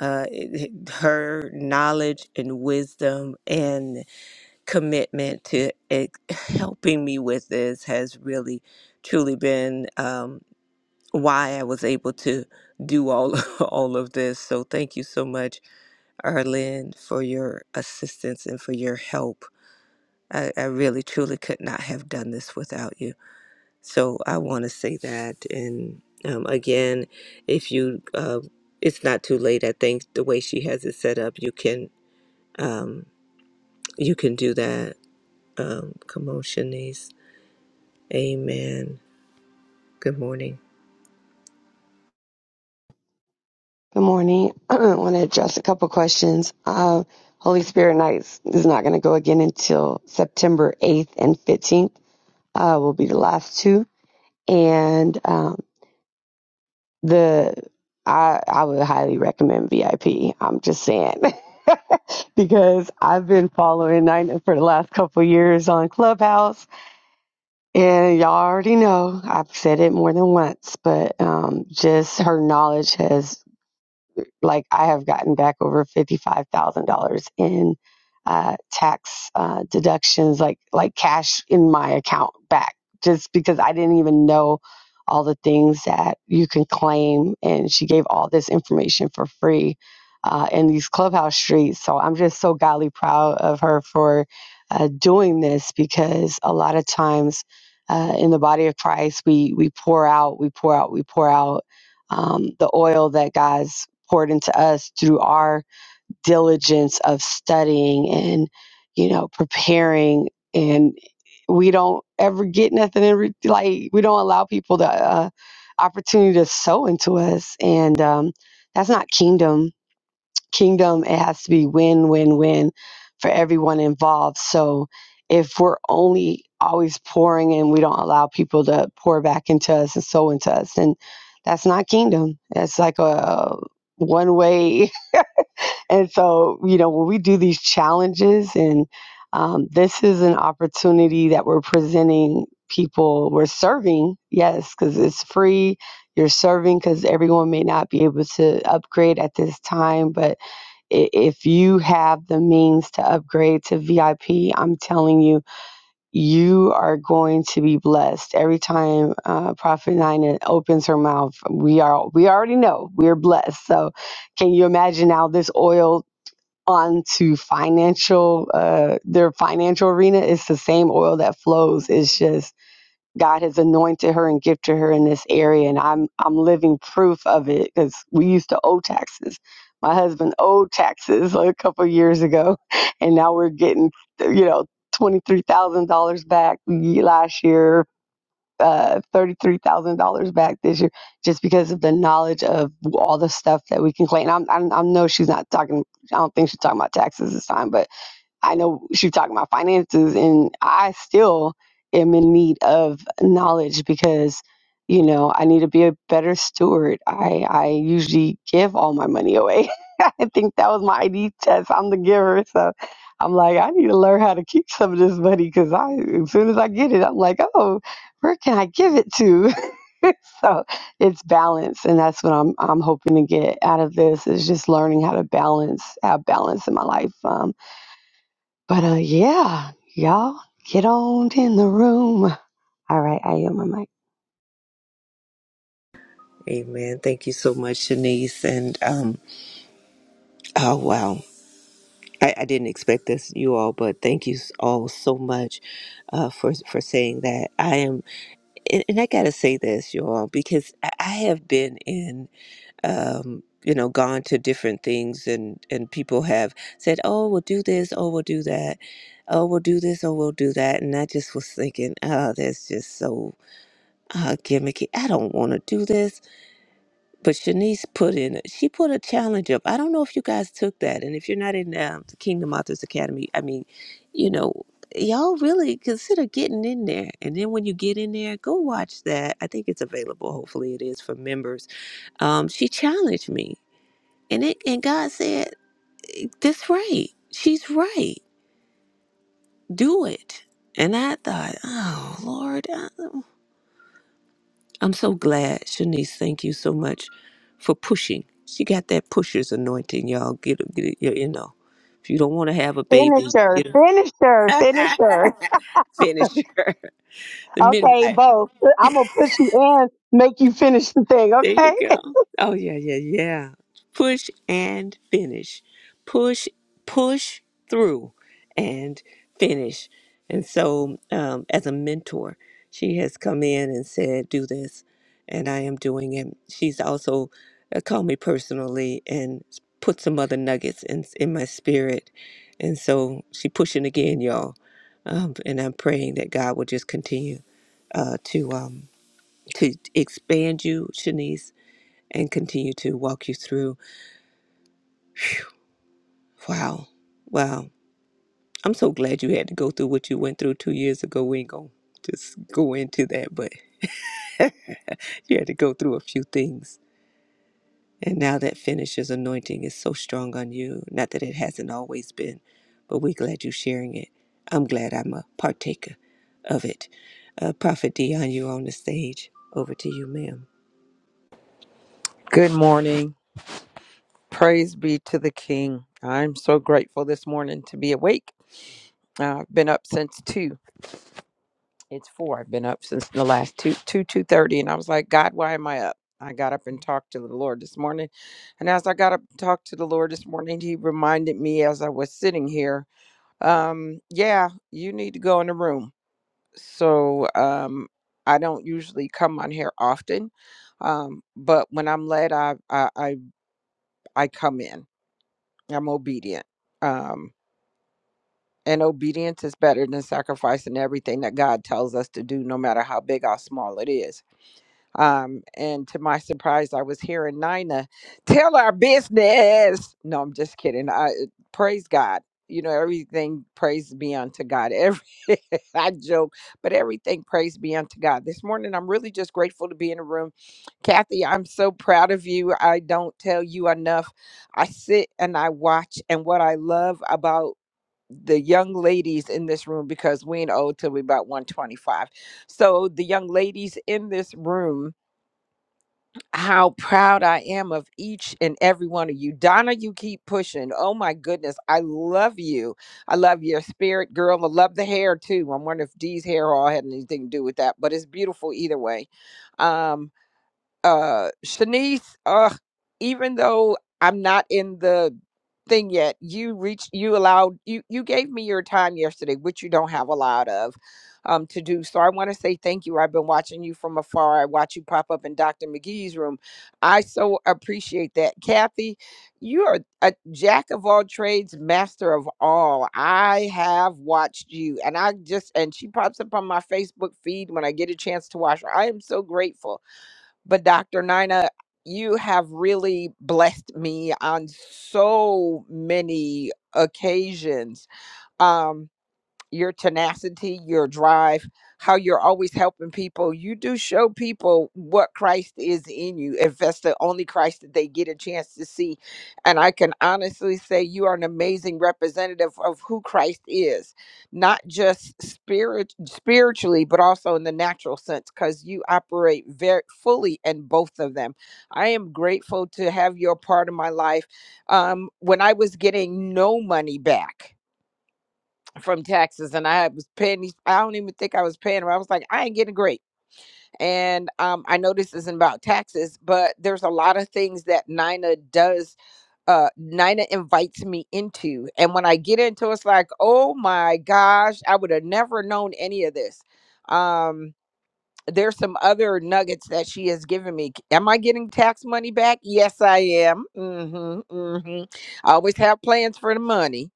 B: uh, it- it- her knowledge and wisdom and commitment to it, helping me with this has really truly been um, why I was able to do all all of this so thank you so much Arlene for your assistance and for your help I, I really truly could not have done this without you so I want to say that. And um, again, if you, uh, it's not too late. I think the way she has it set up, you can, um, you can do that. Um, come on, Shanice. Amen. Good morning.
D: Good morning. I want to address a couple questions. Uh, Holy Spirit Nights is not going to go again until September 8th and 15th. Uh, will be the last two, and um, the I I would highly recommend VIP. I'm just saying because I've been following Nina for the last couple years on Clubhouse, and y'all already know I've said it more than once, but um, just her knowledge has like I have gotten back over fifty-five thousand dollars in uh, tax uh, deductions, like like cash in my account back, just because I didn't even know all the things that you can claim. And she gave all this information for free uh, in these clubhouse streets. So I'm just so godly proud of her for uh, doing this because a lot of times uh, in the body of Christ, we we pour out, we pour out, we pour out um, the oil that God's poured into us through our diligence of studying and, you know, preparing. And we don't ever get nothing in, re- like, we don't allow people the uh, opportunity to sow into us. And um, that's not kingdom kingdom it has to be win win win for everyone involved so if we're only always pouring and we don't allow people to pour back into us and sow into us and that's not kingdom it's like a one way and so you know when we do these challenges and um, this is an opportunity that we're presenting people we're serving yes because it's free you're serving because everyone may not be able to upgrade at this time but i- if you have the means to upgrade to VIP, I'm telling you, you are going to be blessed. Every time uh, Prophet Nina opens her mouth, we are we already know we're blessed. So, can you imagine now this oil? onto financial uh their financial arena It's the same oil that flows it's just God has anointed her and gifted her in this area, and I'm I'm living proof of it because we used to owe taxes. My husband owed taxes like, a couple of years ago, and now we're getting you know twenty three thousand dollars back ye- last year, uh, thirty three thousand dollars back this year, just because of the knowledge of all the stuff that we can claim. And I'm, I'm I know she's not talking. I don't think she's talking about taxes this time, but I know she talking about finances, and I still am in need of knowledge because, you know, I need to be a better steward. I I usually give all my money away. I think that was my ID test. I'm the giver, so I'm like, I need to learn how to keep some of this money because I, as soon as I get it, I'm like, oh, where can I give it to? so it's balance, and that's what I'm I'm hoping to get out of this is just learning how to balance, have balance in my life. Um, but uh, yeah, y'all get on in the room. All right, I am my mic.
B: Amen. Thank you so much, Shanice. And um, oh wow, I, I didn't expect this, you all, but thank you all so much uh, for for saying that. I am, and, and I gotta say this, you all, because I, I have been in. um, you know, gone to different things and, and people have said, oh, we'll do this, oh, we'll do that, oh, we'll do this, oh, we'll do that. And I just was thinking, oh, that's just so uh, gimmicky. I don't want to do this. But Shanice put in, she put a challenge up. I don't know if you guys took that. And if you're not in um, the Kingdom Authors Academy, I mean, you know, y'all really consider getting in there. And then when you get in there, go watch that. I think it's available. Hopefully it is for members um, she challenged me. And it and God said, This right. She's right. Do it. And I thought, oh Lord, I- I'm so glad. Shanice, thank you so much for pushing. She got that pusher's anointing, y'all. Get it, get it, you you know. If you don't want to have a baby,
D: Finisher,
B: get her.
D: finisher, finisher.
B: finish her. the
D: Okay,
B: midwife.
D: both. I'm gonna push you in, make you finish the thing.
B: There you
D: Okay,
B: go. Oh yeah, yeah, yeah. Push and finish. Push, push through and finish. And so, um, as a mentor, she has come in and said, "Do this," and I am doing it. She's also uh, called me personally and put some other nuggets in in my spirit. And so she pushing again, y'all. Um, and I'm praying that God will just continue uh, to um, to expand you, Shanice and continue to walk you through. Wow. Wow. I'm so glad you had to go through what you went through two years ago. We ain't going to just go into that, but you had to go through a few things. And now that finisher's anointing is so strong on you. Not that it hasn't always been, but we're glad you're sharing it. I'm glad I'm a partaker of it. Uh, Prophet Dion, you're on the stage. Over to you, ma'am.
E: Good morning. Praise be to the King. I'm so grateful this morning to be awake. Uh, I've been up since two. It's four. I've been up since the last two, two, two thirty, and I was like, God, why am I up? I got up and talked to the Lord this morning, and as I got up and talked to the Lord this morning, He reminded me as I was sitting here, um, yeah, you need to go in the room. So um, I don't usually come on here often, um, but when I'm led, I I I, I come in. I'm obedient. Um, and obedience is better than sacrificing everything that God tells us to do, no matter how big or small it is. Um, and to my surprise, I was hearing Nina tell our business. No, I'm just kidding. I praise God. You know, everything praise be unto God. Every I joke, but everything praise be unto God. This morning I'm really just grateful to be in the room. Kathy, I'm so proud of you. I don't tell you enough. I sit and I watch and what I love about the young ladies in this room because we ain't old till we about 125. So the young ladies in this room how proud I am of each and every one of you. Donna, you keep pushing. Oh my goodness. I love you. I love your spirit, girl. I love the hair too. I'm wondering if Dee's hair all had anything to do with that, but it's beautiful either way. Um, uh Shanice, uh, even though I'm not in the thing yet, you reached you allowed you you gave me your time yesterday, which you don't have a lot of um to do. So I want to say thank you. I've been watching you from afar. I watch you pop up in Dr. McGee's room. I so appreciate that. Kathy, you are a jack of all trades, master of all. I have watched you and I just and she pops up on my Facebook feed when I get a chance to watch her. I am so grateful but Dr. Nina, you have really blessed me on so many occasions. Um, your tenacity, your drive, how you're always helping people. You do show people what Christ is in you, if that's the only Christ that they get a chance to see. And I can honestly say you are an amazing representative of who Christ is, not just spirit spiritually, but also in the natural sense, because you operate very fully in both of them. I am grateful to have you a part of my life. Um, when I was getting no money back from taxes and I was paying these I don't even think I was paying them. I was like, I ain't getting great. And um, I know this isn't about taxes, but there's a lot of things that Nina does uh Nina invites me into. And when I get into it, it's like, oh my gosh, I would have never known any of this. Um there's some other nuggets that she has given me. Am I getting tax money back? Yes, I am. Mm hmm Mm hmm I always have plans for the money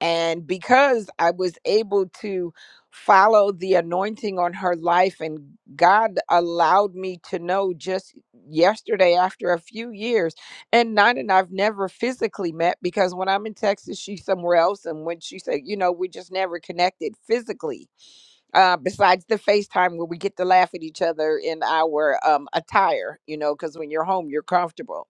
E: and because I was able to follow the anointing on her life, and God allowed me to know just yesterday after a few years, and Nina and I've never physically met because when I'm in Texas, she's somewhere else. And when she said, you know, we just never connected physically, uh, besides the FaceTime where we get to laugh at each other in our um, attire, you know, because when you're home, you're comfortable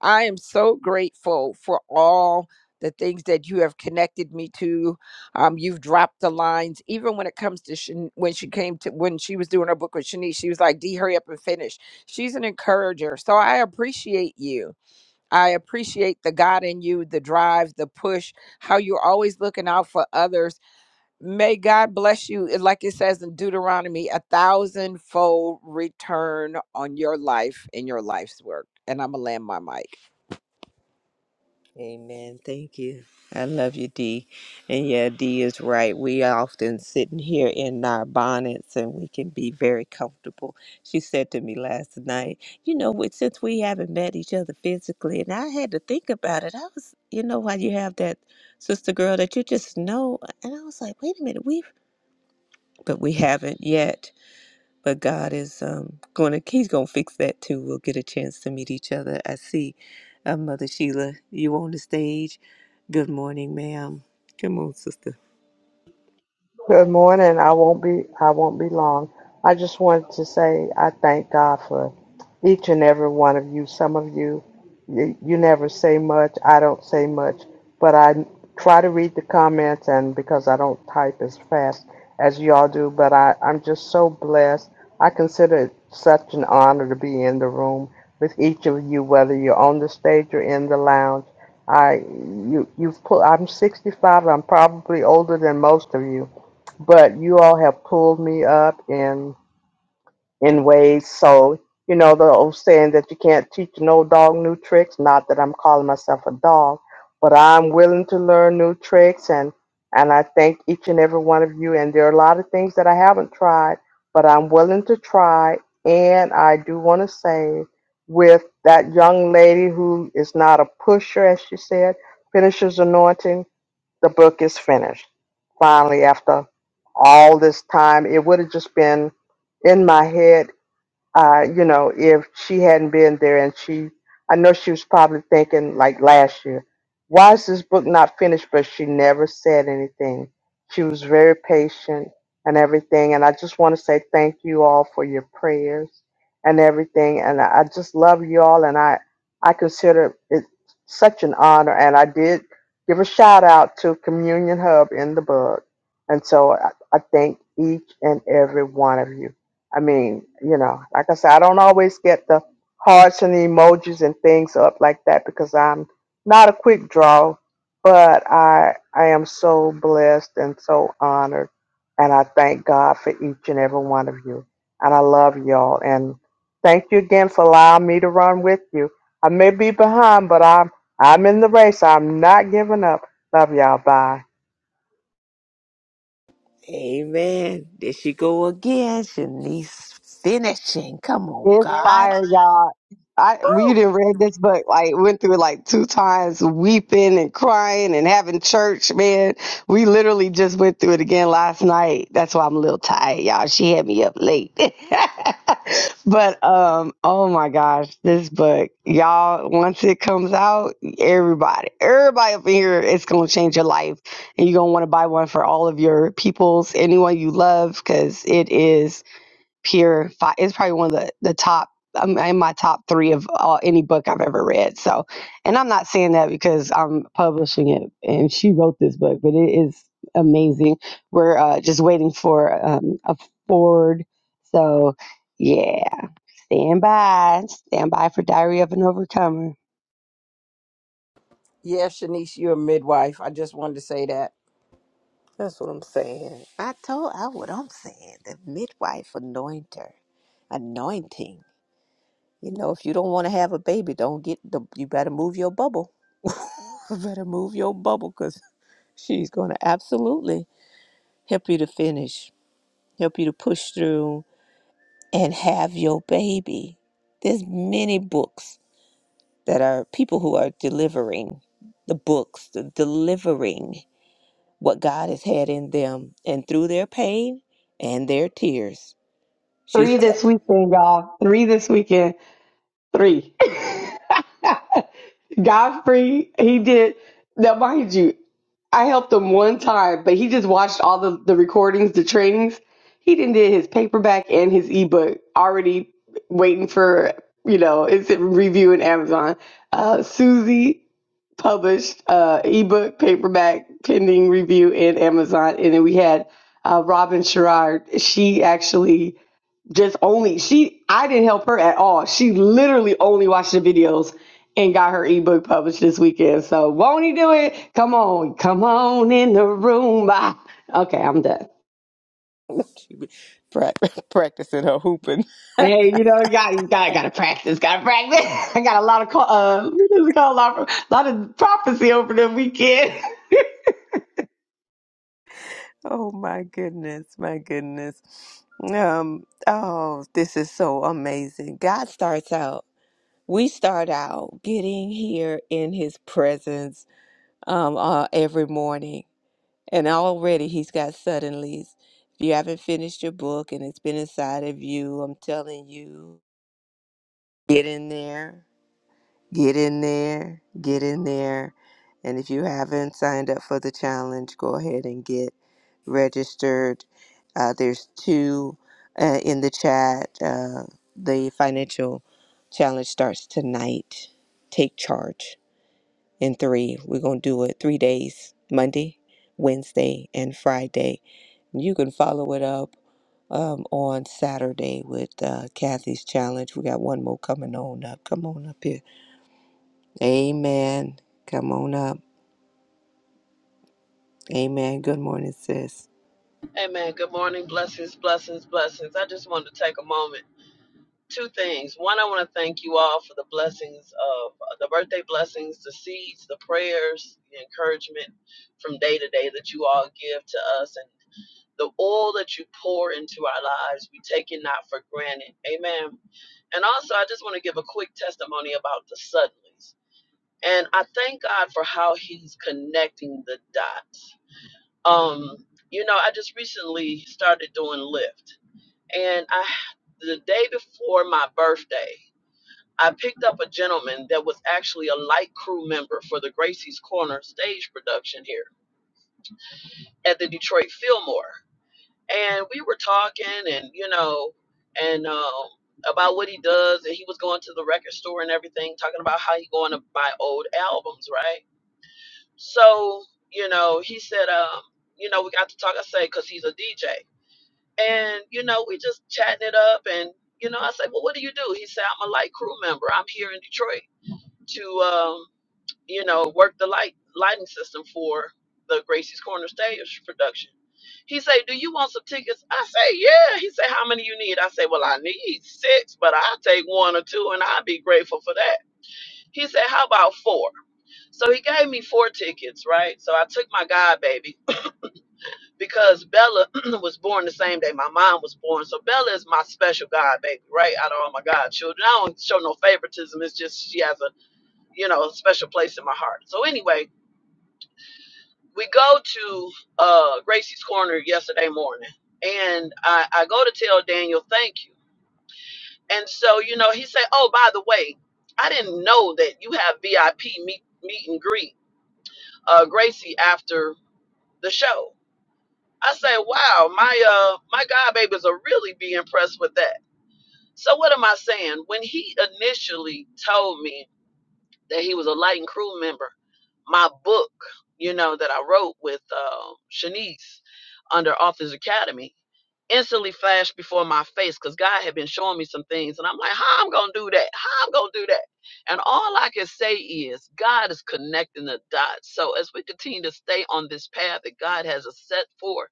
E: I am so grateful for all the things that you have connected me to. Um, you've dropped the lines, even when it comes to Shan- when she came to when she was doing her book with Shanice. She was like, "D, hurry up and finish." She's an encourager, so I appreciate you. I appreciate the God in you, the drive, the push, how you're always looking out for others. May God bless you, and like it says in Deuteronomy, a thousandfold return on your life and your life's work. And I'm gonna land my mic.
B: Amen. Thank you. I love you, Dee. And yeah, Dee is right. We are often sitting here in our bonnets and we can be very comfortable. She said to me last night, you know, we- since we haven't met each other physically, and I had to think about it. I was, you know, how you have that sister girl that you just know. And I was like, wait a minute, we've, but we haven't yet but God is um, going to, He's going to fix that too. We'll get a chance to meet each other. I see uh, Mother Sheila, you on the stage. Good morning, ma'am. Come on, sister.
F: Good morning. I won't be I won't be long. I just wanted to say I thank God for each and every one of you. Some of you you, you never say much. I don't say much, but I try to read the comments and because I don't type as fast as y'all do, but I, I'm just so blessed. I consider it such an honor to be in the room with each of you, whether you're on the stage or in the lounge. I you you've put I'm 65. I'm probably older than most of you but you all have pulled me up in in ways so you know the old saying that you can't teach an old dog new tricks not that i'm calling myself a dog but i'm willing to learn new tricks and and i thank each and every one of you and there are a lot of things that i haven't tried but i'm willing to try and i do want to say with that young lady who is not a pusher as she said finisher's anointing the book is finished. Finally, after all this time, it would have just been in my head uh, you know, if she hadn't been there and she, I know she was probably thinking like last year, why is this book not finished? But she never said anything. She was very patient and everything. And I just want to say thank you all for your prayers and everything. And I I just love you all. And I, I consider it such an honor. And I did give a shout out to Communion Hub in the book. And so I, I thank each and every one of you. I mean, you know, like I said, I don't always get the hearts and the emojis and things up like that because I'm not a quick draw, but I I am so blessed and so honored, and I thank God for each and every one of you, and I love y'all, and thank you again for allowing me to run with you. I may be behind, but I'm I'm in the race. I'm not giving up. Love y'all. Bye.
B: Amen. There she go again. Shanice finishing. Come on,
D: it's
B: God.
D: fire, y'all. I we
B: Woo!
D: didn't read this book like went through it like two times weeping and crying and having church, man. We literally just went through it again last night. That's why I'm a little tired, y'all. She had me up late. but um oh my gosh, this book, y'all, once it comes out, everybody, everybody up in here, it's gonna change your life. And you're gonna want to buy one for all of your peoples, anyone you love, because it is pure fi It's probably one of the the top. I'm in my top three of all, any book I've ever read. So, and I'm not saying that because I'm publishing it and she wrote this book, but it is amazing. We're uh, just waiting for um, a forward. So, yeah, stand by, stand by for Diary of an Overcomer.
E: Yeah, Shanice, you're a midwife. I just wanted to say that.
B: That's what I'm saying. I told I what I'm saying. The midwife anointer, anointing. You know, if you don't want to have a baby, don't get the. You better move your bubble. you better move your bubble, 'cause She's going to absolutely help you to finish, help you to push through and have your baby. There's many books that are people who are delivering the books, the delivering what God has had in them and through their pain and their tears. She's
D: Three this weekend, y'all. Three this weekend. Three. Godfrey, he did. Now, mind you, I helped him one time, but he just watched all the, the recordings, the trainings. He didn't did his paperback and his ebook already waiting for, you know, it's in review in Amazon. Uh, Susie published uh, ebook, paperback, pending review in Amazon. And then we had uh, Robin Sherrard. She actually just only she I didn't help her at all. She literally only watched the videos and got her ebook published this weekend. So won't he do it? Come on, come on in the room. Bye. Okay, I'm done.
B: she be prac- practicing her hooping.
D: Hey, you know, you got you got gotta practice, gotta practice. I got a lot of co- uh, what is it a lot of, a lot of prophecy over the weekend.
B: Oh my goodness, my goodness. Um, oh, this is so amazing. God starts out. we start out getting here in his presence um, uh, every morning and already he's got suddenlies if you haven't finished your book and it's been inside of you i'm telling you get in there get in there get in there and if you haven't signed up for the challenge go ahead and get registered uh, there's two uh, in the chat uh, the financial challenge starts tonight take charge in three. We're going to do it three days Monday, Wednesday, and Friday. You can follow it up um, on Saturday with uh, Kathy's challenge. We got one more coming on up. Come on up here. Amen. Come on up. Amen. Good morning, sis.
G: Amen. Good morning. Blessings, blessings, blessings. I just wanted to take a moment. Two things. One, I want to thank you all for the blessings of uh, the birthday blessings, the seeds, the prayers, the encouragement from day to day that you all give to us, and the oil that you pour into our lives. We take it not for granted. Amen. And also, I just want to give a quick testimony about the suddenlies. And I thank God for how He's connecting the dots. Um, you know, I just recently started doing Lyft and I the day before my birthday, I picked up a gentleman that was actually a light crew member for the Gracie's Corner stage production here at the Detroit Fillmore. And we were talking and you know, and um about what he does and he was going to the record store and everything, talking about how he going to buy old albums, right? So, you know, he said, um, you know, we got to talk, I say, because he's a DJ. And, you know, we just chatting it up. And, you know, I said, well, what do you do? He said, I'm a light crew member. I'm here in Detroit to, um, you know, work the light lighting system for the Gracie's Corner Stage production. He said, do you want some tickets? I say, yeah. He said, how many you need? I say, well, I need six, but I'll take one or two and i would be grateful for that. He said, how about four? So he gave me four tickets, right? So I took my God baby because Bella was born the same day my mom was born. So Bella is my special god baby, right? Out of all my God children, I don't show no favoritism. It's just she has a, you know, special place in my heart. So anyway, we go to uh Gracie's Corner yesterday morning and I, I go to tell Daniel thank you. And so, you know, he said, Oh, by the way, I didn't know that you have VIP meet meet and greet uh Gracie after the show. I say, wow, my uh my god babies will really be impressed with that. So what am I saying? When he initially told me that he was a light and crew member, my book, you know, that I wrote with uh, Shanice under Authors Academy, instantly flashed before my face because God had been showing me some things, and I'm like, how I'm gonna do that? How I'm gonna do that? And all I can say is, God is connecting the dots. So as we continue to stay on this path that God has us set for,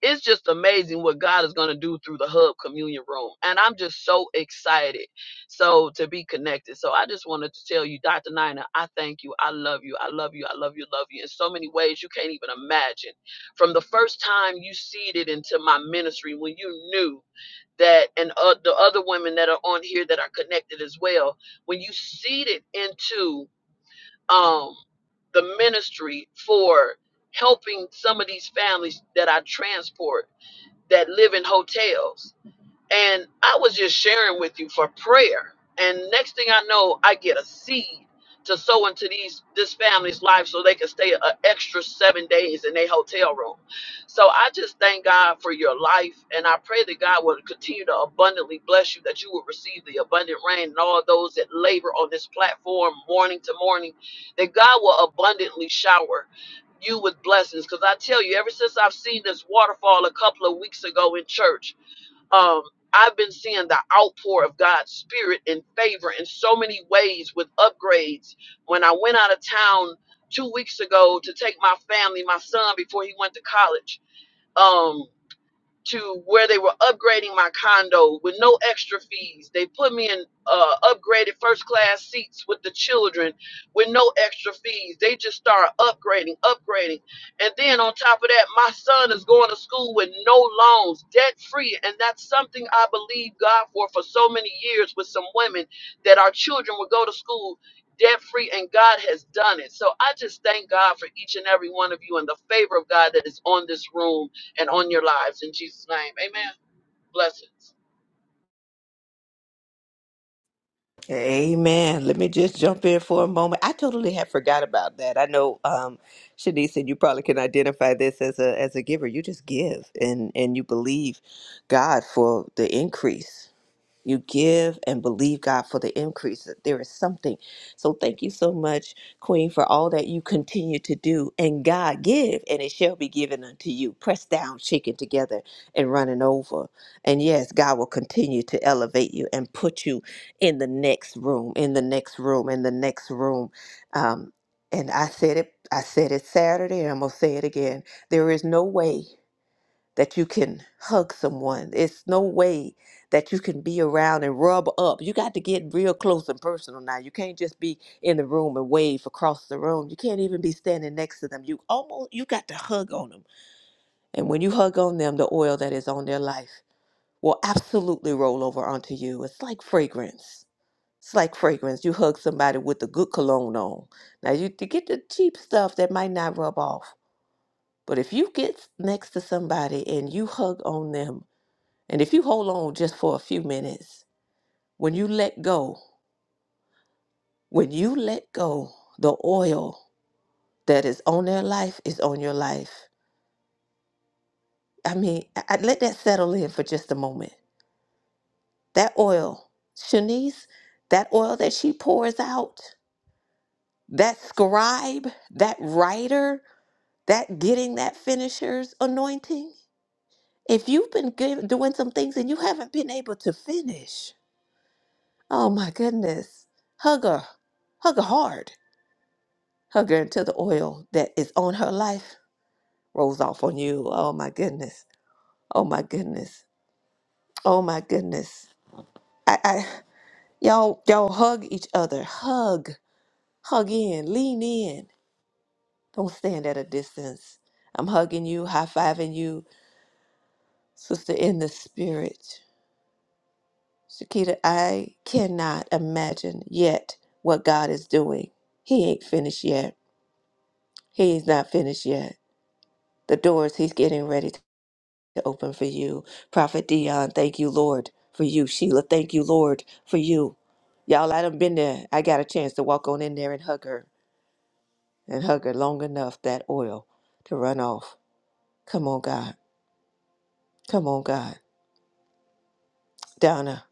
G: it's just amazing what God is going to do through the Hub Communion Room. And I'm just so excited. So to be connected. So I just wanted to tell you, Dr. Nina, I thank you. I love you. I love you. I love you. Love you in so many ways you can't even imagine. From the first time you seeded into my ministry when you knew that and uh, the other women that are on here that are connected as well, when you seeded into um the ministry for helping some of these families that I transport that live in hotels and I was just sharing with you for prayer. And next thing I know, I get a seed to sow into these this family's life so they can stay an extra seven days in their hotel room. So I just thank God for your life and I pray that God will continue to abundantly bless you, that you will receive the abundant rain and all those that labor on this platform morning to morning, that God will abundantly shower you with blessings. Because I tell you, ever since I've seen this waterfall a couple of weeks ago in church, um, I've been seeing the outpour of God's spirit and favor in so many ways with upgrades. When I went out of town two weeks ago to take my family, my son, before he went to college, um, to where they were upgrading my condo with no extra fees. They put me in uh, upgraded first class seats with the children with no extra fees. They just started upgrading, upgrading. And then on top of that, my son is going to school with no loans, debt free. And that's something I believe God for for so many years with some women that our children would go to school debt free and God has done it. So I just thank God for each and every one of you and the favor of God that is on this room and on your lives in Jesus' name. Amen. Blessings.
B: Amen. Let me just jump in for a moment. I totally had forgot about that. I know um, Shanice and you probably can identify this as a as a giver. You just give and and you believe God for the increase. you give and believe God for the increase. that There is something. So thank you so much, Queen, for all that you continue to do. And God give, and it shall be given unto you. Pressed down, shaken together, and running over. And yes, God will continue to elevate you and put you in the next room, in the next room, in the next room. Um, and I said it. I said it Saturday, and I'm gonna say it again. There is no way that you can hug someone. It's no way that you can be around and rub up. You got to get real close and personal now. You can't just be in the room and wave across the room. You can't even be standing next to them. You almost you got to hug on them. And when you hug on them, the oil that is on their life will absolutely roll over onto you. It's like fragrance. It's like fragrance. You hug somebody with the good cologne on. Now you to get the cheap stuff that might not rub off. But if you get next to somebody and you hug on them and if you hold on just for a few minutes, when you let go, when you let go, the oil that is on their life is on your life. I mean, I, I- let that settle in for just a moment. That oil, Shanice, that oil that she pours out, that scribe, that writer, that getting that finisher's anointing. If you've been giv doing some things and you haven't been able to finish, oh my goodness, hug her, hug her hard hugger until the oil that is on her life rolls off on you. Oh my goodness. Oh my goodness. Oh my goodness. I, I y'all y'all hug each other. Hug. Hug in. Lean in. Don't stand at a distance. I'm hugging you, high fiving you, sister in the spirit. Shakita, I cannot imagine yet what God is doing. He ain't finished yet. He's not finished yet. The doors he's getting ready to open for you. Prophet Dion, thank you, Lord, for you. Sheila, thank you, Lord, for you. Y'all, I done been there. I got a chance to walk on in there and hug her and hug her long enough that oil to run off. Come on, God. Come on, God. Donna,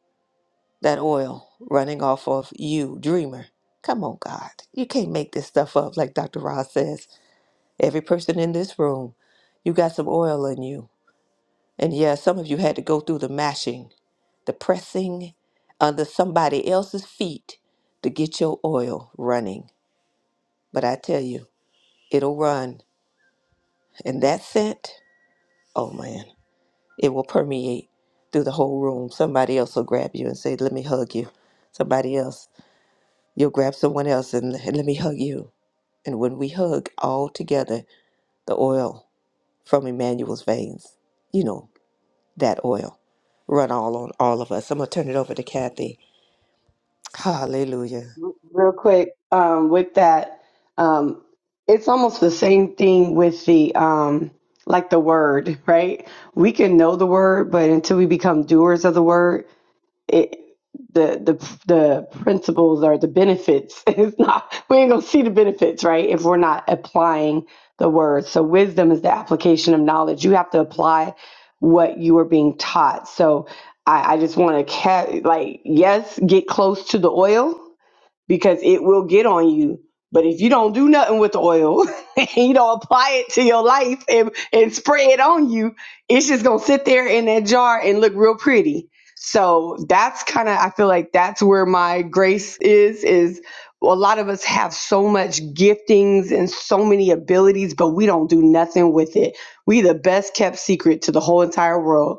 B: that oil running off of you, dreamer. Come on, God. You can't make this stuff up like Dr. Ross says. Every person in this room, you got some oil in you. And yeah, some of you had to go through the mashing the pressing under somebody else's feet to get your oil running. But I tell you, it'll run. And that scent, oh man, it will permeate through the whole room. Somebody else will grab you and say, Let me hug you. Somebody else, you'll grab someone else and, and let me hug you. And when we hug all together, the oil from Emmanuel's veins, you know, that oil, run all on all of us. I'm going to turn it over to Kathy. Hallelujah.
D: real quick um, with that um, it's almost the same thing with the um, like the word right we can know the word but until we become doers of the word it the the the principles or the benefits is not we ain't gonna see the benefits right if we're not applying the word so wisdom is the application of knowledge you have to apply what you are being taught so i, I just want to ca- like yes get close to the oil because it will get on you. But if you don't do nothing with the oil and you don't apply it to your life and, and spray it on you, it's just gonna sit there in that jar and look real pretty. So that's kind of I feel like that's where my grace is is a lot of us have so much giftings and so many abilities, but we don't do nothing with it. We the best kept secret to the whole entire world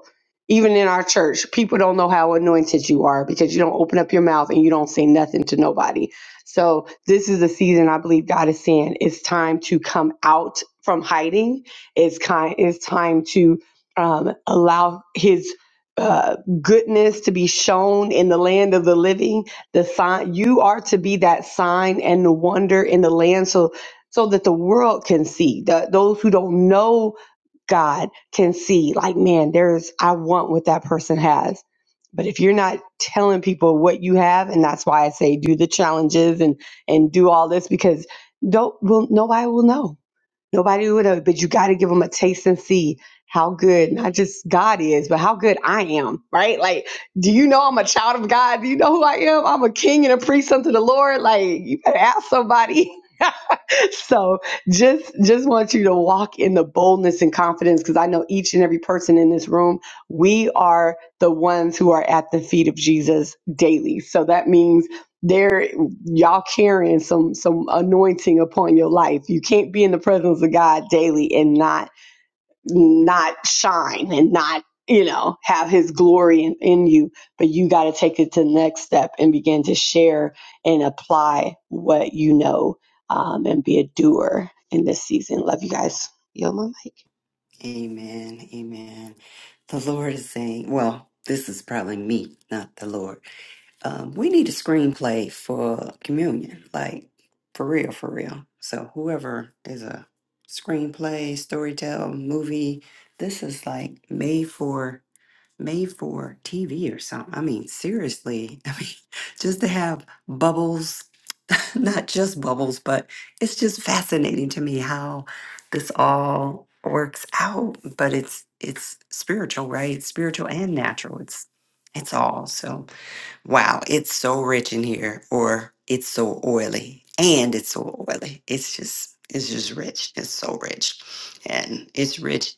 D: even in our church, people don't know how anointed you are because you don't open up your mouth and you don't say nothing to nobody. So, this is a season I believe God is saying it's time to come out from hiding. It's, kind, it's time to um, allow His uh, goodness to be shown in the land of the living. The sign you are to be that sign and the wonder in the land, so so that the world can see. The, those who don't know God can see, like, man, there's, I want what that person has. But if you're not telling people what you have, and that's why I say do the challenges and and do all this because don't will nobody will know. Nobody will know. But you got to give them a taste and see how good not just God is, but how good I am. Right? Like, do you know I'm a child of God? Do you know who I am? I'm a king and a priest unto the Lord. Like, you better ask somebody. so just just want you to walk in the boldness and confidence because I know each and every person in this room, we are the ones who are at the feet of Jesus daily. So that means there y'all carrying some some anointing upon your life. You can't be in the presence of God daily and not not shine and not you know have his glory in, in you but you got to take it to the next step and begin to share and apply what you know um, and be a doer in this season love you guys yo my mic
A: Amen. Amen. The Lord is saying, well, this is probably me, not the Lord. um, we need a screenplay for communion, like for real, for real. So whoever is a screenplay, storytell, movie, this is like made for made for TV or something. I mean, seriously, I mean, just to have bubbles, not just bubbles, but it's just fascinating to me how this all works out. But it's it's spiritual, right? It's spiritual and natural. It's it's all so wow, it's so rich in here, or it's so oily, and it's so oily. It's just, it's just rich. It's so rich, and it's rich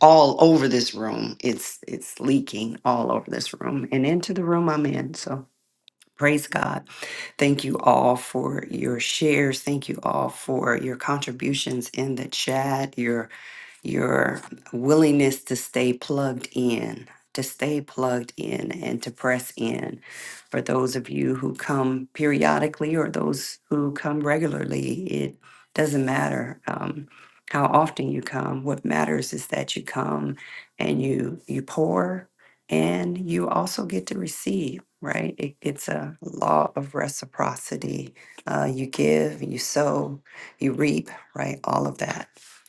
A: all over this room. It's, it's leaking all over this room and into the room I'm in. So praise God. Thank you all for your shares. Thank you all for your contributions in the chat your willingness to stay plugged in, to stay plugged in and to press in. For those of you who come periodically or those who come regularly, it doesn't matter um, how often you come. What matters is that you come and you you pour and you also get to receive. Right? It, it's a law of reciprocity. Uh, you give, you sow, you reap. Right? All of that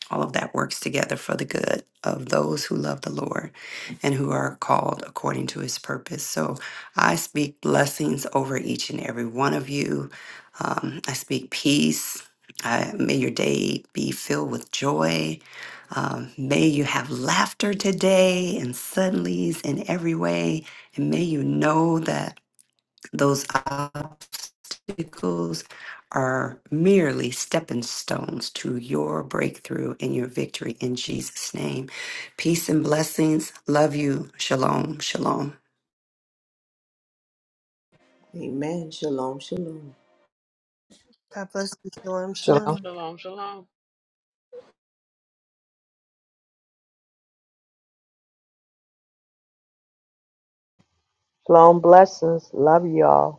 A: all of that works together for the good of those who love the Lord and who are called according to his purpose. So I speak blessings over each and every one of you. Um, I speak peace. I, may your day be filled with joy. Um, may you have laughter today and suddenlies in every way. And may you know that those obstacles are merely stepping stones to your breakthrough and your victory in Jesus' name. Peace and blessings. Love you. Shalom. Shalom.
B: Amen. Shalom, shalom.
E: Shalom.
G: Shalom, shalom.
F: Shalom blessings. Love y'all.